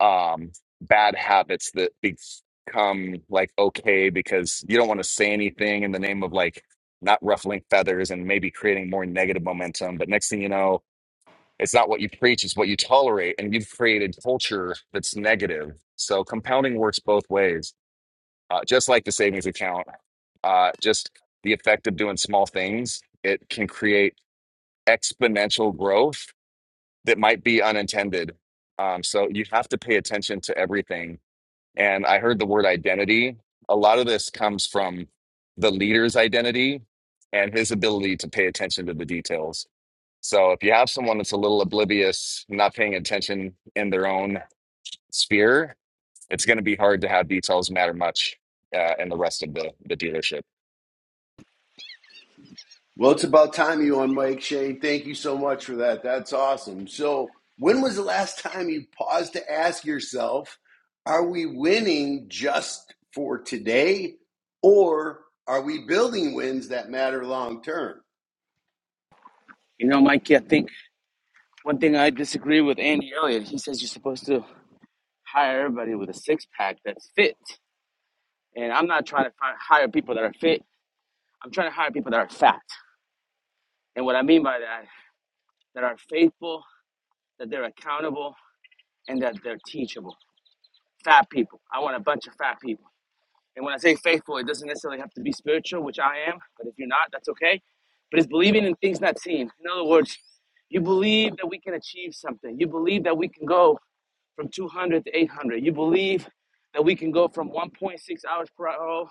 Speaker 12: um, bad habits that become like okay because you don't want to say anything in the name of like not ruffling feathers and maybe creating more negative momentum. But next thing you know, it's not what you preach, it's what you tolerate. And you've created culture that's negative. So compounding works both ways, uh, just like the savings account. Uh, just the effect of doing small things, it can create exponential growth that might be unintended. Um, so you have to pay attention to everything. And I heard the word identity. A lot of this comes from the leader's identity and his ability to pay attention to the details. So if you have someone that's a little oblivious, not paying attention in their own sphere, it's going to be hard to have details matter much uh, in the rest of the the dealership.
Speaker 3: Well, it's about time you on, Mike Shane. Thank you so much for that. That's awesome. So, when was the last time you paused to ask yourself, are we winning just for today or are we building wins that matter long term?
Speaker 9: You know, Mikey, I think one thing I disagree with Andy Elliott. He says you're supposed to hire everybody with a six pack that's fit And I'm not trying to fi- hire people that are fit. I'm trying to hire people that are fat. And what I mean by that, that are faithful, that they're accountable, and that they're teachable. Fat people. I want a bunch of fat people. And when I say faithful, it doesn't necessarily have to be spiritual, which I am. But if you're not, that's okay. But it's believing in things not seen. In other words, you believe that we can achieve something. You believe that we can go from 200 to 800. You believe that we can go from 1.6 hours per hour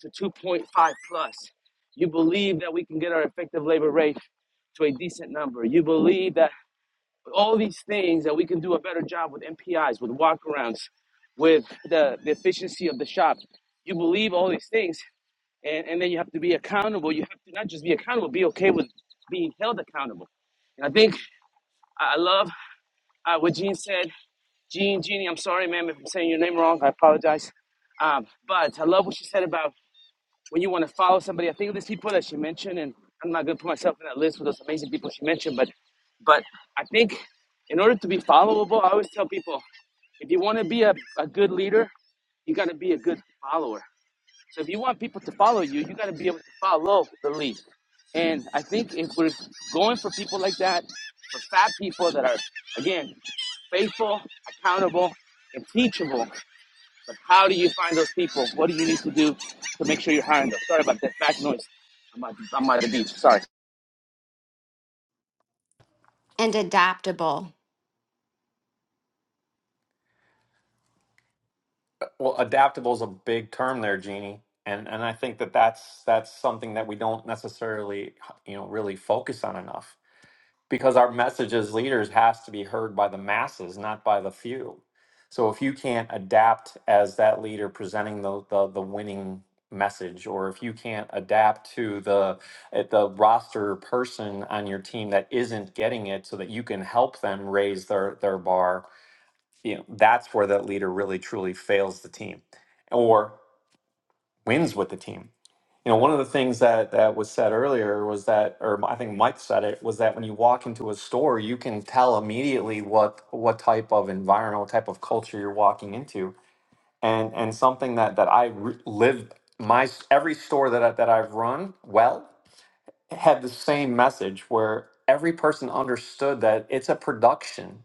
Speaker 9: to 2.5 plus. You believe that we can get our effective labor rate to a decent number. You believe that all these things that we can do a better job with MPIs, with walkarounds, with the, the efficiency of the shop. You believe all these things, and, and then you have to be accountable. You have to not just be accountable, be okay with being held accountable. And I think I I love uh, what Gene said. Gene, Jeannie, I'm sorry, ma'am, if I'm saying your name wrong. I apologize. Um, but I love what she said about when you want to follow somebody. I think of these people that she mentioned, and I'm not going to put myself in that list with those amazing people she mentioned. But, but I think in order to be followable, I always tell people if you want to be a, a good leader, you got to be a good follower. So if you want people to follow you, you got to be able to follow the lead. And I think if we're going for people like that, for fat people that are, again, faithful, accountable, and teachable, but how do you find those people? What do you need to do to make sure you're hiring them? Sorry about that back noise. I'm at, I'm at the beach. Sorry.
Speaker 11: And adaptable
Speaker 1: Well, adaptable is a big term there, Jeannie, and and I think that that's that's something that we don't necessarily, you know, really focus on enough because our message as leaders has to be heard by the masses, not by the few. So if you can't adapt as that leader presenting the the, the winning message, or if you can't adapt to the eh, the roster person on your team that isn't getting it, so that you can help them raise their their bar you know that's where that leader really truly fails the team or wins with the team you know one of the things that that was said earlier was that or i think mike said it was that when you walk into a store you can tell immediately what what type of environment what type of culture you're walking into and and something that that i re- lived my s- every store that I, that i've run well had the same message where every person understood that it's a production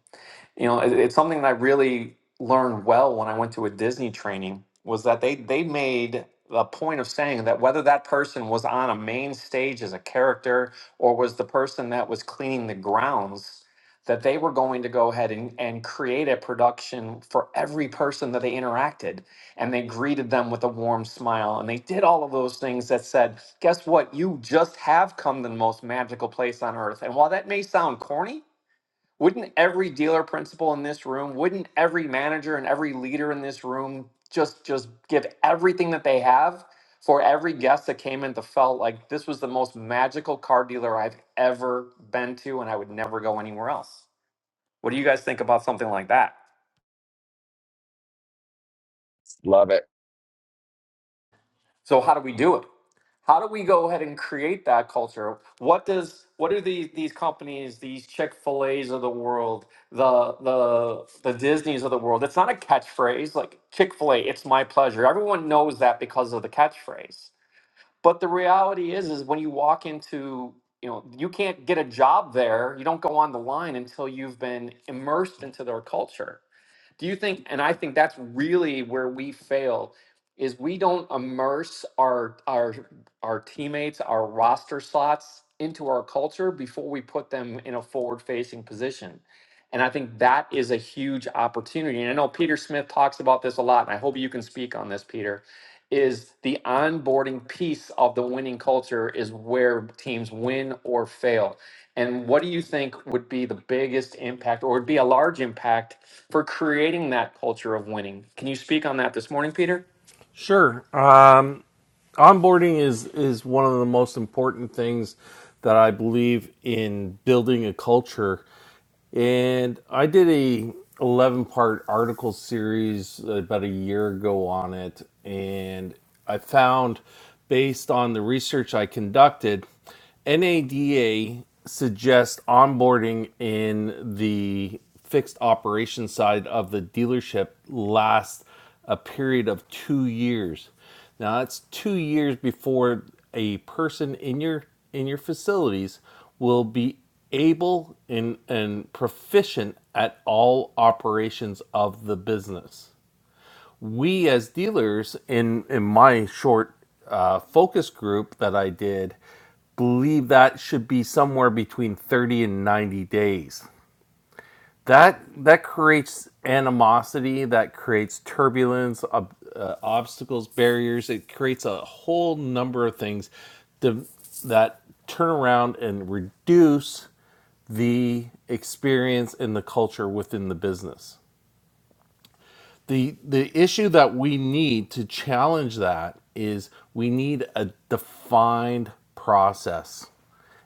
Speaker 1: you know it, it's something that i really learned well when i went to a disney training was that they they made a point of saying that whether that person was on a main stage as a character or was the person that was cleaning the grounds that they were going to go ahead and, and create a production for every person that they interacted and they greeted them with a warm smile and they did all of those things that said guess what you just have come to the most magical place on earth and while that may sound corny wouldn't every dealer principal in this room, wouldn't every manager and every leader in this room just just give everything that they have for every guest that came in that felt like this was the most magical car dealer I've ever been to and I would never go anywhere else? What do you guys think about something like that?
Speaker 12: Love it.
Speaker 1: So how do we do it? How do we go ahead and create that culture? What does what do these these companies, these Chick Fil A's of the world, the the the Disney's of the world? It's not a catchphrase like Chick Fil A. It's my pleasure. Everyone knows that because of the catchphrase. But the reality is, is when you walk into you know you can't get a job there. You don't go on the line until you've been immersed into their culture do you think, and I think that's really where we fail, is we don't immerse our our our teammates, our roster slots into our culture before we put them in a forward facing position. And I think that is a huge opportunity. And I know Peter Smith talks about this a lot, and I hope you can speak on this, Peter. Is the onboarding piece of the winning culture is where teams win or fail. And what do you think would be the biggest impact or would be a large impact for creating that culture of winning? Can you speak on that this morning, Peter?
Speaker 5: Sure. Um, onboarding is is one of the most important things that I believe in building a culture. And I did a 11 part article series about a year ago on it and I found based on the research I conducted NADA suggests onboarding in the fixed operation side of the dealership lasts a period of 2 years now that's two years before a person in your in your facilities will be able and, and proficient at all operations of the business. We as dealers in in my short uh, focus group that I did believe that should be somewhere between 30 and 90 days that that creates animosity that creates turbulence ob- uh, obstacles barriers it creates a whole number of things to, that turn around and reduce the experience and the culture within the business the the issue that we need to challenge that is we need a defined process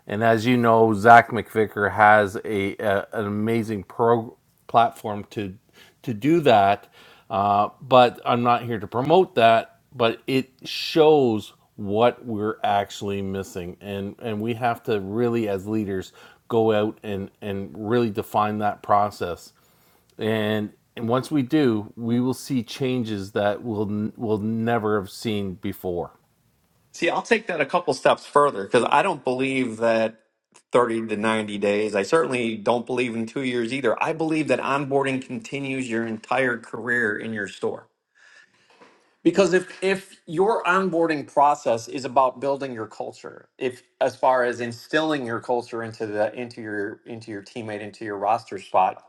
Speaker 5: and as you know, Zach McVicker has a, a an amazing pro platform to to do that. Uh, but I'm not here to promote that. But it shows what we're actually missing, and and we have to really, as leaders, go out and and really define that process. And and once we do, we will see changes that we'll we'll never have seen before.
Speaker 1: See, I'll take that a couple steps further because I don't believe that 30 to 90 days. I certainly don't believe in two years either. I believe that onboarding continues your entire career in your store. Because if if your onboarding process is about building your culture, if as far as instilling your culture into the into your into your teammate, into your roster spot,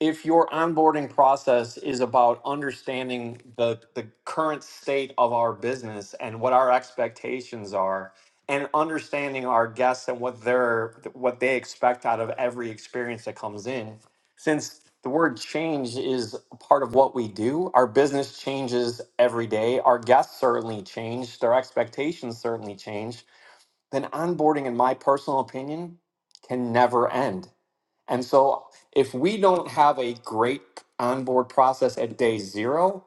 Speaker 1: if your onboarding process is about understanding the, the current state of our business and what our expectations are and understanding our guests and what they're what they expect out of every experience that comes in since the word change is a part of what we do our business changes every day our guests certainly change their expectations certainly change then onboarding in my personal opinion can never end and so if we don't have a great onboard process at day zero,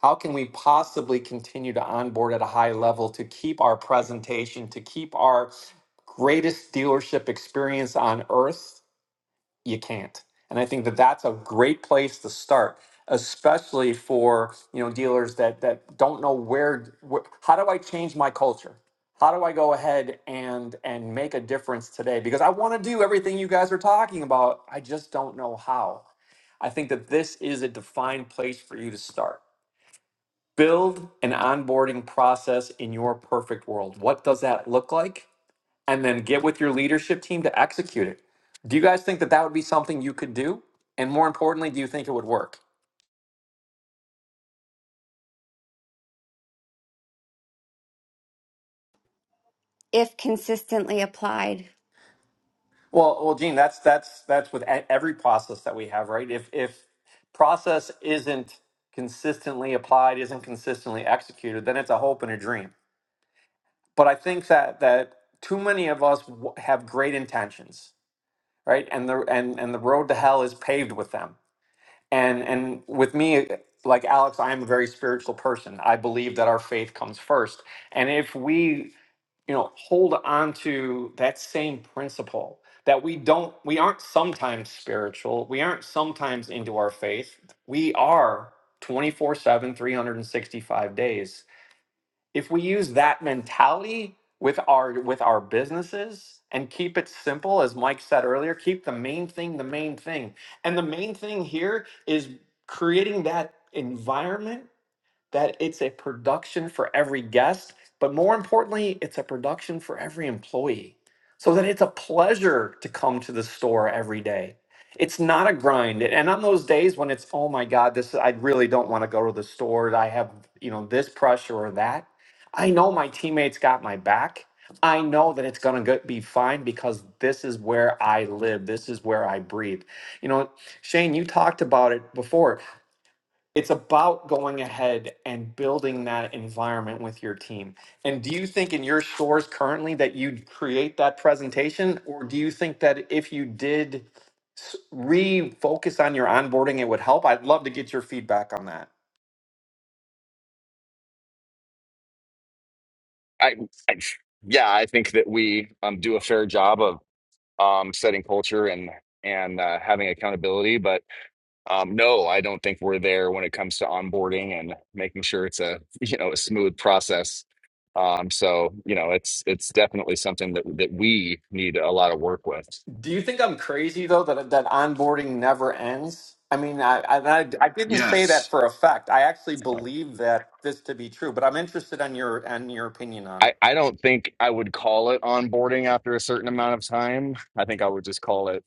Speaker 1: how can we possibly continue to onboard at a high level to keep our presentation, to keep our greatest dealership experience on earth you can't. And I think that that's a great place to start, especially for you know dealers that that don't know where. Wh- how do I change my culture? How do I go ahead and and make a difference today? Because I want to do everything you guys are talking about. I just don't know how. I think that this is a defined place for you to start. Build an onboarding process in your perfect world. What does that look like? and then get with your leadership team to execute it. Do you guys think that that would be something you could do? And more importantly, do you think it would work?
Speaker 11: if consistently applied.
Speaker 1: Well, well, Gene, that's that's that's with e- every process that we have, right? If if process isn't consistently applied, isn't consistently executed, then it's a hope and a dream. But I think that that too many of us w- have great intentions, right? And the and and the road to hell is paved with them and and with me like alex i am a very spiritual person i believe that our faith comes first and if we you know hold on to that same principle that we don't we aren't sometimes spiritual we aren't sometimes into our faith we are 24 7, 365 days if we use that mentality with our with our businesses and keep it simple as mike said earlier keep the main thing the main thing and the main thing here is creating that environment that it's a production for every guest, but more importantly, it's a production for every employee so that it's a pleasure to come to the store every day. It's not a grind. And on those days when it's, oh my God, this I really don't want to go to the store. I have, you know, this pressure or that. I know my teammates got my back. I know that it's going to be fine because this is where I live. This is where I breathe. You know, Shane, you talked about it before it's about going ahead and building that environment with your team. And do you think in your stores currently that you'd create that presentation, or do you think that if you did s- refocus on your onboarding, it would help? I'd love to get your feedback on that.
Speaker 12: I, I yeah, I think that we um, do a fair job of um, setting culture and and uh, having accountability, but um, no, I don't think we're there when it comes to onboarding and making sure it's a [laughs] you know a smooth process. Um, so you know, it's it's definitely something that that we need a lot of work with.
Speaker 1: Do you think I'm crazy though that that onboarding never ends? I mean, I, I I I didn't say that
Speaker 3: Yes.
Speaker 1: for effect. I actually believe that this to be true, but I'm interested on your on your opinion on it.
Speaker 12: I, I don't think I would call it onboarding after a certain amount of time. I think I would just call it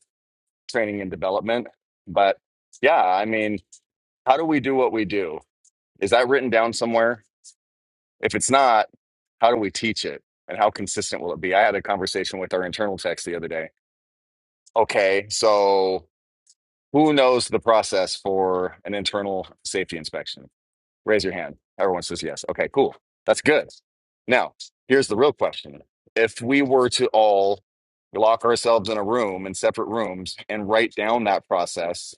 Speaker 12: training and development. But yeah, I mean, how do we do what we do? Is that written down somewhere? If it's not, how do we teach it? And how consistent will it be? I had a conversation with our internal techs the other day. Okay, so who knows the process for an internal safety inspection? Raise your hand. Everyone says yes. Okay, cool. That's good. Now, here's the real question. If we were to all lock ourselves in a room in separate rooms and write down that process,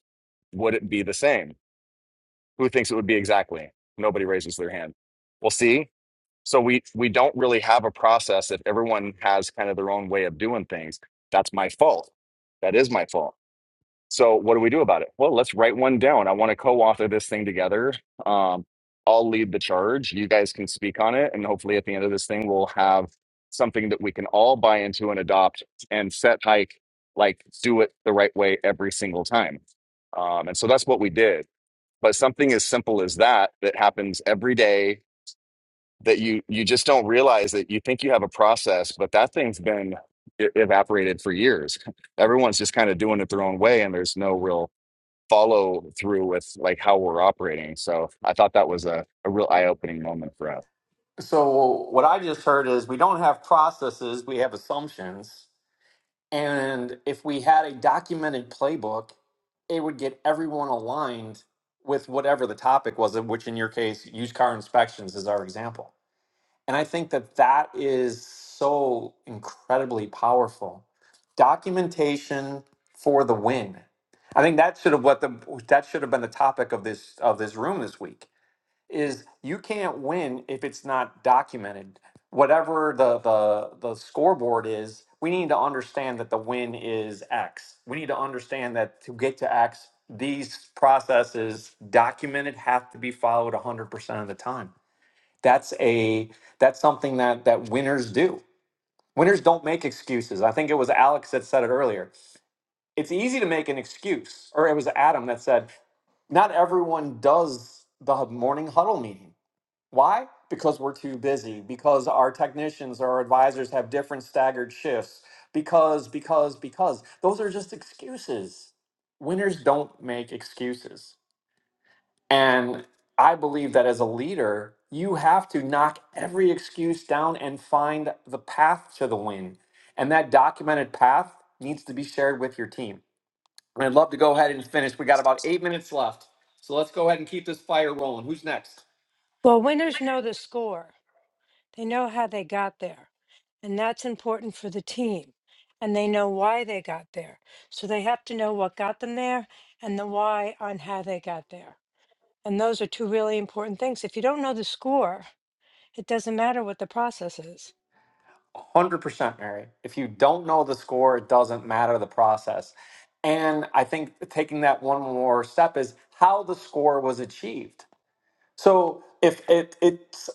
Speaker 12: would it be the same? Who thinks it would be exactly? Nobody raises their hand. Well, see, so we we don't really have a process if everyone has kind of their own way of doing things. That's my fault. That is my fault so what do we do about it? Well, let's write one down. I want to co-author this thing together. Um, I'll lead the charge. You guys can speak on it, and hopefully, at the end of this thing, we'll have something that we can all buy into and adopt and set hike like do it the right way every single time. Um, and so that's what we did. But something as simple as that that happens every day that you you just don't realize that you think you have a process, but that thing's been e- evaporated for years. [laughs] Everyone's just kind of doing it their own way, and there's no real follow through with like how we're operating. So I thought that was a, a real eye opening moment for us.
Speaker 1: So what I just heard is we don't have processes, we have assumptions. And if we had a documented playbook, it would get everyone aligned with whatever the topic was, of which in your case, used car inspections is our example. And I think that that is so incredibly powerful. Documentation for the win. I think that should have what the that should have been the topic of this of this room this week is you can't win if it's not documented. Whatever the the the scoreboard is, we need to understand that the win is X. We need to understand that to get to X, these processes documented have to be followed 100% of the time. That's a that's something that that winners do. Winners don't make excuses. I think it was Alex that said it earlier. It's easy to make an excuse, or it was Adam that said, not everyone does the morning huddle meeting. Why? Because we're too busy, because our technicians or our advisors have different staggered shifts, because, because, because those are just excuses. Winners don't make excuses. And I believe that as a leader, you have to knock every excuse down and find the path to the win. And that documented path needs to be shared with your team. And I'd love to go ahead and finish. We got about eight minutes left. So let's go ahead and keep this fire rolling. Who's next?
Speaker 13: Well, winners know the score. They know how they got there. And that's important for the team. And they know why they got there. So they have to know what got them there and the why on how they got there. And those are two really important things. If you don't know the score, it doesn't matter what the process is.
Speaker 1: one Hundred percent, Mary. If you don't know the score, it doesn't matter the process. And I think taking that one more step is how the score was achieved. So if it it's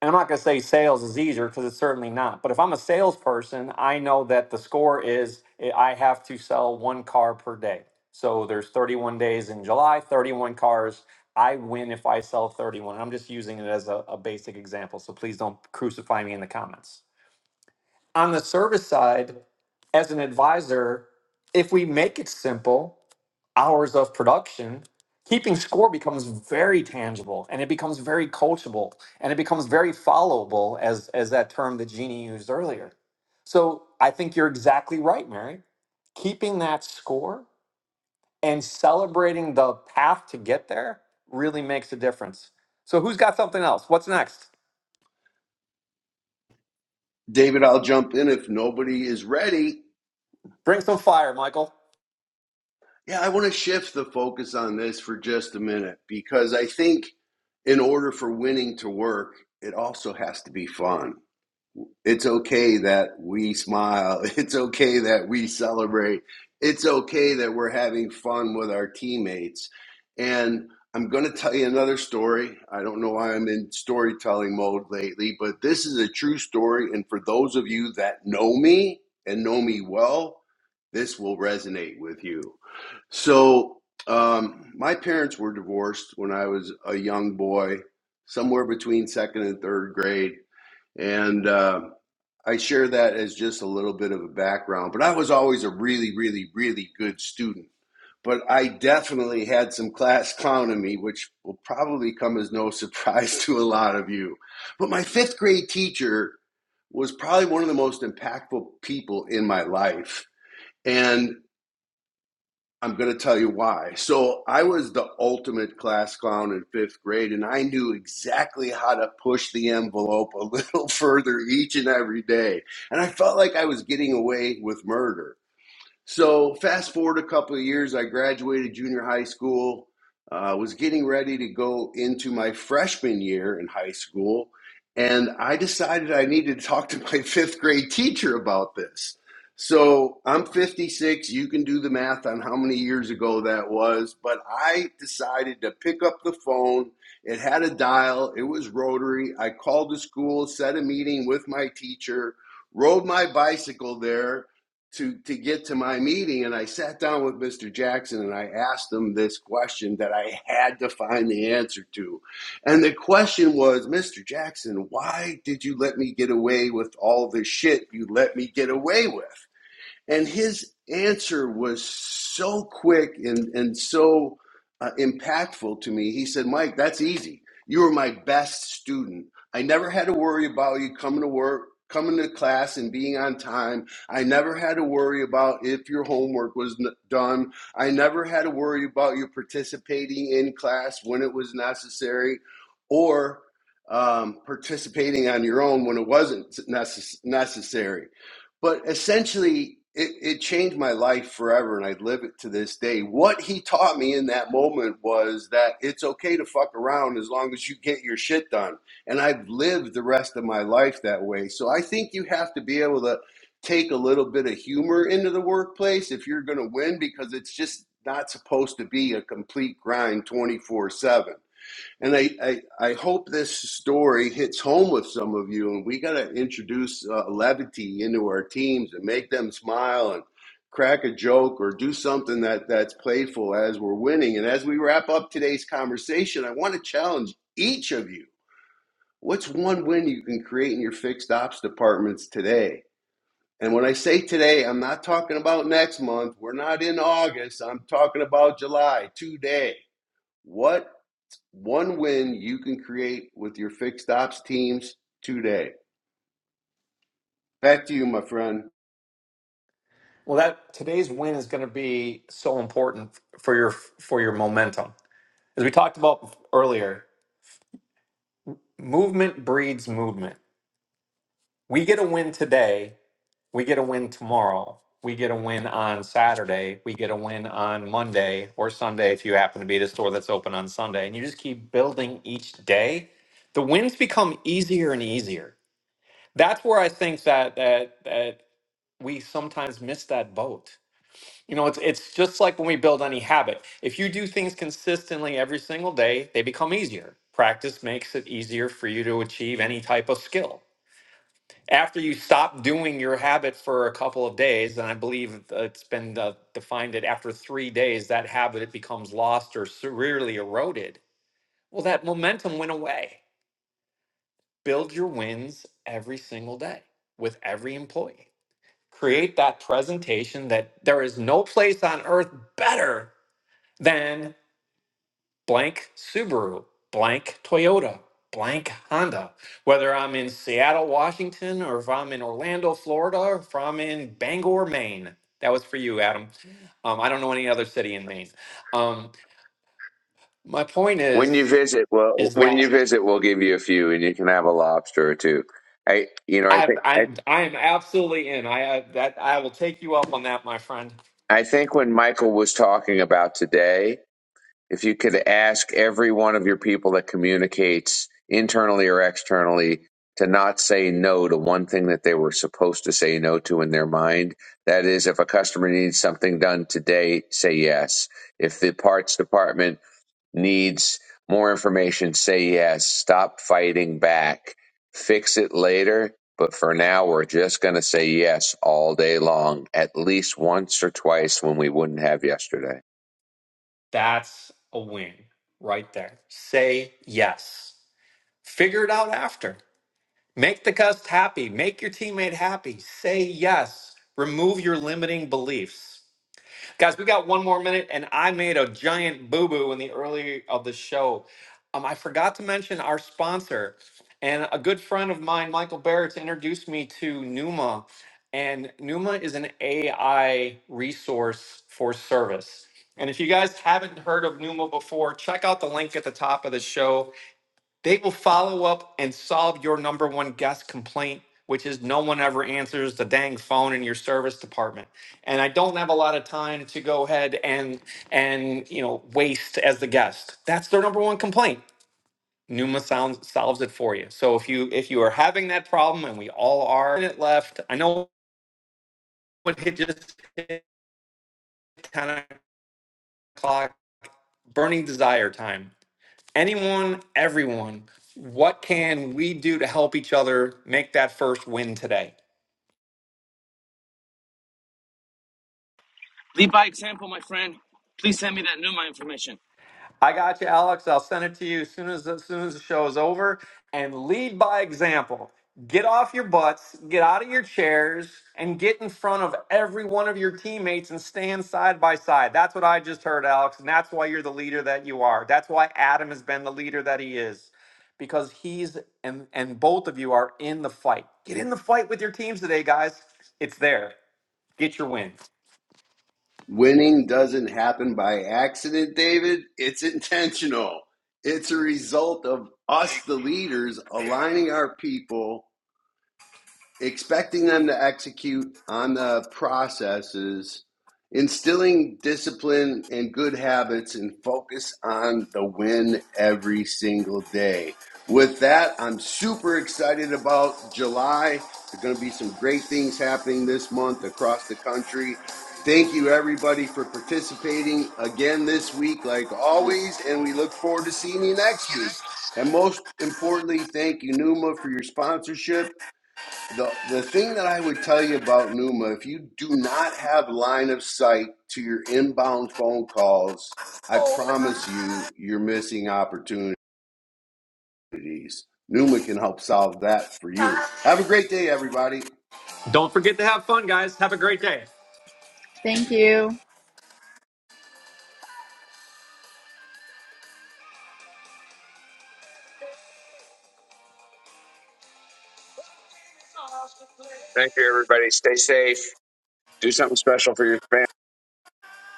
Speaker 1: and I'm not going to say sales is easier because it's certainly not. But if I'm a salesperson, I know that the score is eh, I have to sell one car per day. So there's 31 days in July, 31 cars. I win if I sell 31. I'm just using it as a, a basic example. So please don't crucify me in the comments on the service side, as an advisor, if we make it simple, hours of production, keeping score becomes very tangible and it becomes very coachable and it becomes very followable as as that term that Jeannie used earlier. So I think you're exactly right, Mary. Keeping that score and celebrating the path to get there really makes a difference. So who's got something else? What's next?
Speaker 3: David, I'll jump in if nobody is ready.
Speaker 1: Bring some fire, Michael.
Speaker 3: Yeah, I want to shift the focus on this for just a minute because I think in order for winning to work, it also has to be fun. It's okay that we smile. [laughs] It's okay that we celebrate. It's okay that we're having fun with our teammates. And I'm going to tell you another story. I don't know why I'm in storytelling mode lately, but this is a true story. And for those of you that know me and know me well, this will resonate with you. So, um, my parents were divorced when I was a young boy, somewhere between second and third grade. And, uh, I share that as just a little bit of a background, but I was always a really, really, really good student. But I definitely had some class clown in me, which will probably come as no [laughs] surprise to a lot of you. But my fifth grade teacher was probably one of the most impactful people in my life. And I'm going to tell you why. So I was the ultimate class clown in fifth grade, and I knew exactly how to push the envelope a little [laughs] further each and every day. And I felt like I was getting away with murder. So fast forward a couple of years, I graduated junior high school. Uh, was getting ready to go into my freshman year in high school, and I decided I needed to talk to my [laughs] fifth grade teacher about this. So I'm 56. You can do the math on how many years ago that was, but I decided to pick up the phone. It had a dial. It was rotary. I called the school, set a meeting with my teacher, rode my bicycle there, to to get to my meeting and I sat down with Mr. Jackson and I asked him this question that I had to find the answer to. And the question was, Mr. Jackson, why did you let me get away with all the shit you let me get away with? And his answer was so quick and, and so uh, impactful to me. He said, Mike, that's easy. You were my best student. I never had to worry about you coming to work, coming to class, and being on time. I never had to worry about if your homework was n- done. I never had to worry about you participating in class when it was necessary or um, participating on your own when it wasn't necess- necessary. But essentially, it, it changed my life forever, and I live it to this day. What he taught me in that moment was that it's okay to fuck around as long as you get your shit done. And I've lived the rest of my life that way. So I think you have to be able to take a little bit of humor into the workplace if you're going to win, because it's just not supposed to be a complete grind 24 7. And I, I, I hope this story hits home with some of you. And we got to introduce uh, levity into our teams and make them smile and crack a joke or do something that, that's playful as we're winning. And as we wrap up today's conversation, I want to challenge each of you. What's one win you can create in your fixed ops departments today? And when I say today, I'm not talking about next month. We're not in August. I'm talking about July, today. What one win you can create with your fixed ops teams today. Back to you, my friend.
Speaker 1: Well, that today's win is going to be so important for your for your momentum. As we talked about earlier, movement breeds movement. We get a win today, we get a win tomorrow, we get a win on Saturday, we get a win on Monday or Sunday if you happen to be at a store that's open on Sunday, and you just keep building each day. The wins become easier and easier. That's where I think that that that we sometimes miss that boat You know, it's it's just like when we build any habit. If you do things consistently every single day, they become easier. Practice makes it easier for you to achieve any type of skill. After you stop doing your habit for a couple of days, and I believe it's been uh, defined that after three days, that habit it becomes lost or severely eroded. Well, that momentum went away. Build your wins every single day with every employee. Create that presentation that there is no place on earth better than blank Subaru, blank Toyota, blank Honda. Whether I'm in Seattle, Washington, or if I'm in Orlando, Florida, or if I'm in Bangor, Maine. That was for you, Adam. Um, I don't know any other city in Maine. Um, my point
Speaker 10: When you
Speaker 1: is,
Speaker 10: visit, well,
Speaker 1: is
Speaker 10: when you
Speaker 1: that
Speaker 10: visit, we'll give you a few, and you can have a lobster or two. I, you know, I
Speaker 1: I,
Speaker 10: think I,
Speaker 1: I'm I'm absolutely in. I, I that I will take you up on that, my friend.
Speaker 10: I think when Michael was talking about today. if you could ask every one of your people that communicates internally or externally to not say no to one thing that they were supposed to say no to in their mind. That is, if a customer needs something done today, say yes. If the parts department needs more information, say yes. Stop fighting back. Fix it later. But for now, we're just going to say yes all day long, at least once or twice when we wouldn't have yesterday.
Speaker 1: That's a win right there. Say yes. Figure it out after. Make the guest happy. Make your teammate happy. Say yes. Remove your limiting beliefs. Guys, we got one more minute, and I made a giant boo boo in the early of the show. Um, I forgot to mention our sponsor, and a good friend of mine, Michael Barrett, introduced me to Numa. And Numa is an AI resource for service. And if you guys haven't heard of Numa before, check out the link at the top of the show they will follow up and solve your number one guest complaint, which is no one ever answers the dang phone in your service department. And I don't have a lot of time to go ahead and and you know waste as the guest. That's their number one complaint. Numa sounds solves it for you. So if you if you are having that problem, and we all are, it left. I know what hit just hit ten o'clock, burning desire time anyone, everyone, what can we do to help each other make that first win today?
Speaker 9: Lead by example, my friend. Please send me that Numa information.
Speaker 1: I got you, Alex. I'll send it to you as soon as as soon as the show is over. And lead by example. Get off your butts, get out of your chairs, and get in front of every one of your teammates and stand side by side. That's what I just heard, Alex, and that's why you're the leader that you are. That's why Adam has been the leader that he is. Because he's and and both of you are in the fight. Get in the fight with your teams today, guys. It's there. Get your win.
Speaker 3: Winning doesn't happen by accident, David. It's intentional. It's a result of us, the leaders, aligning our people expecting them to execute on the processes, instilling discipline and good habits, and focus on the win every single day. With that, I'm super excited about July. There are going to be some great things happening this month across the country. Thank you, everybody, for participating again this week, like always, and we look forward to seeing you next week. And most importantly, thank you, Numa, for your sponsorship the the thing that I would tell you about Numa, if you do not have line of sight to your inbound phone calls, I promise you, you're missing opportunities. Numa can help solve that for you. Have a great day, everybody.
Speaker 1: Don't forget to have fun, guys. Have a great day.
Speaker 14: Thank you.
Speaker 10: Thank you, everybody. Stay safe. Do something special for your family.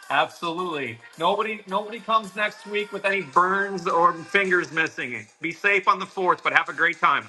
Speaker 1: Absolutely. Nobody nobody comes next week with any burns or fingers missing. Be safe on the fourth, but have a great time.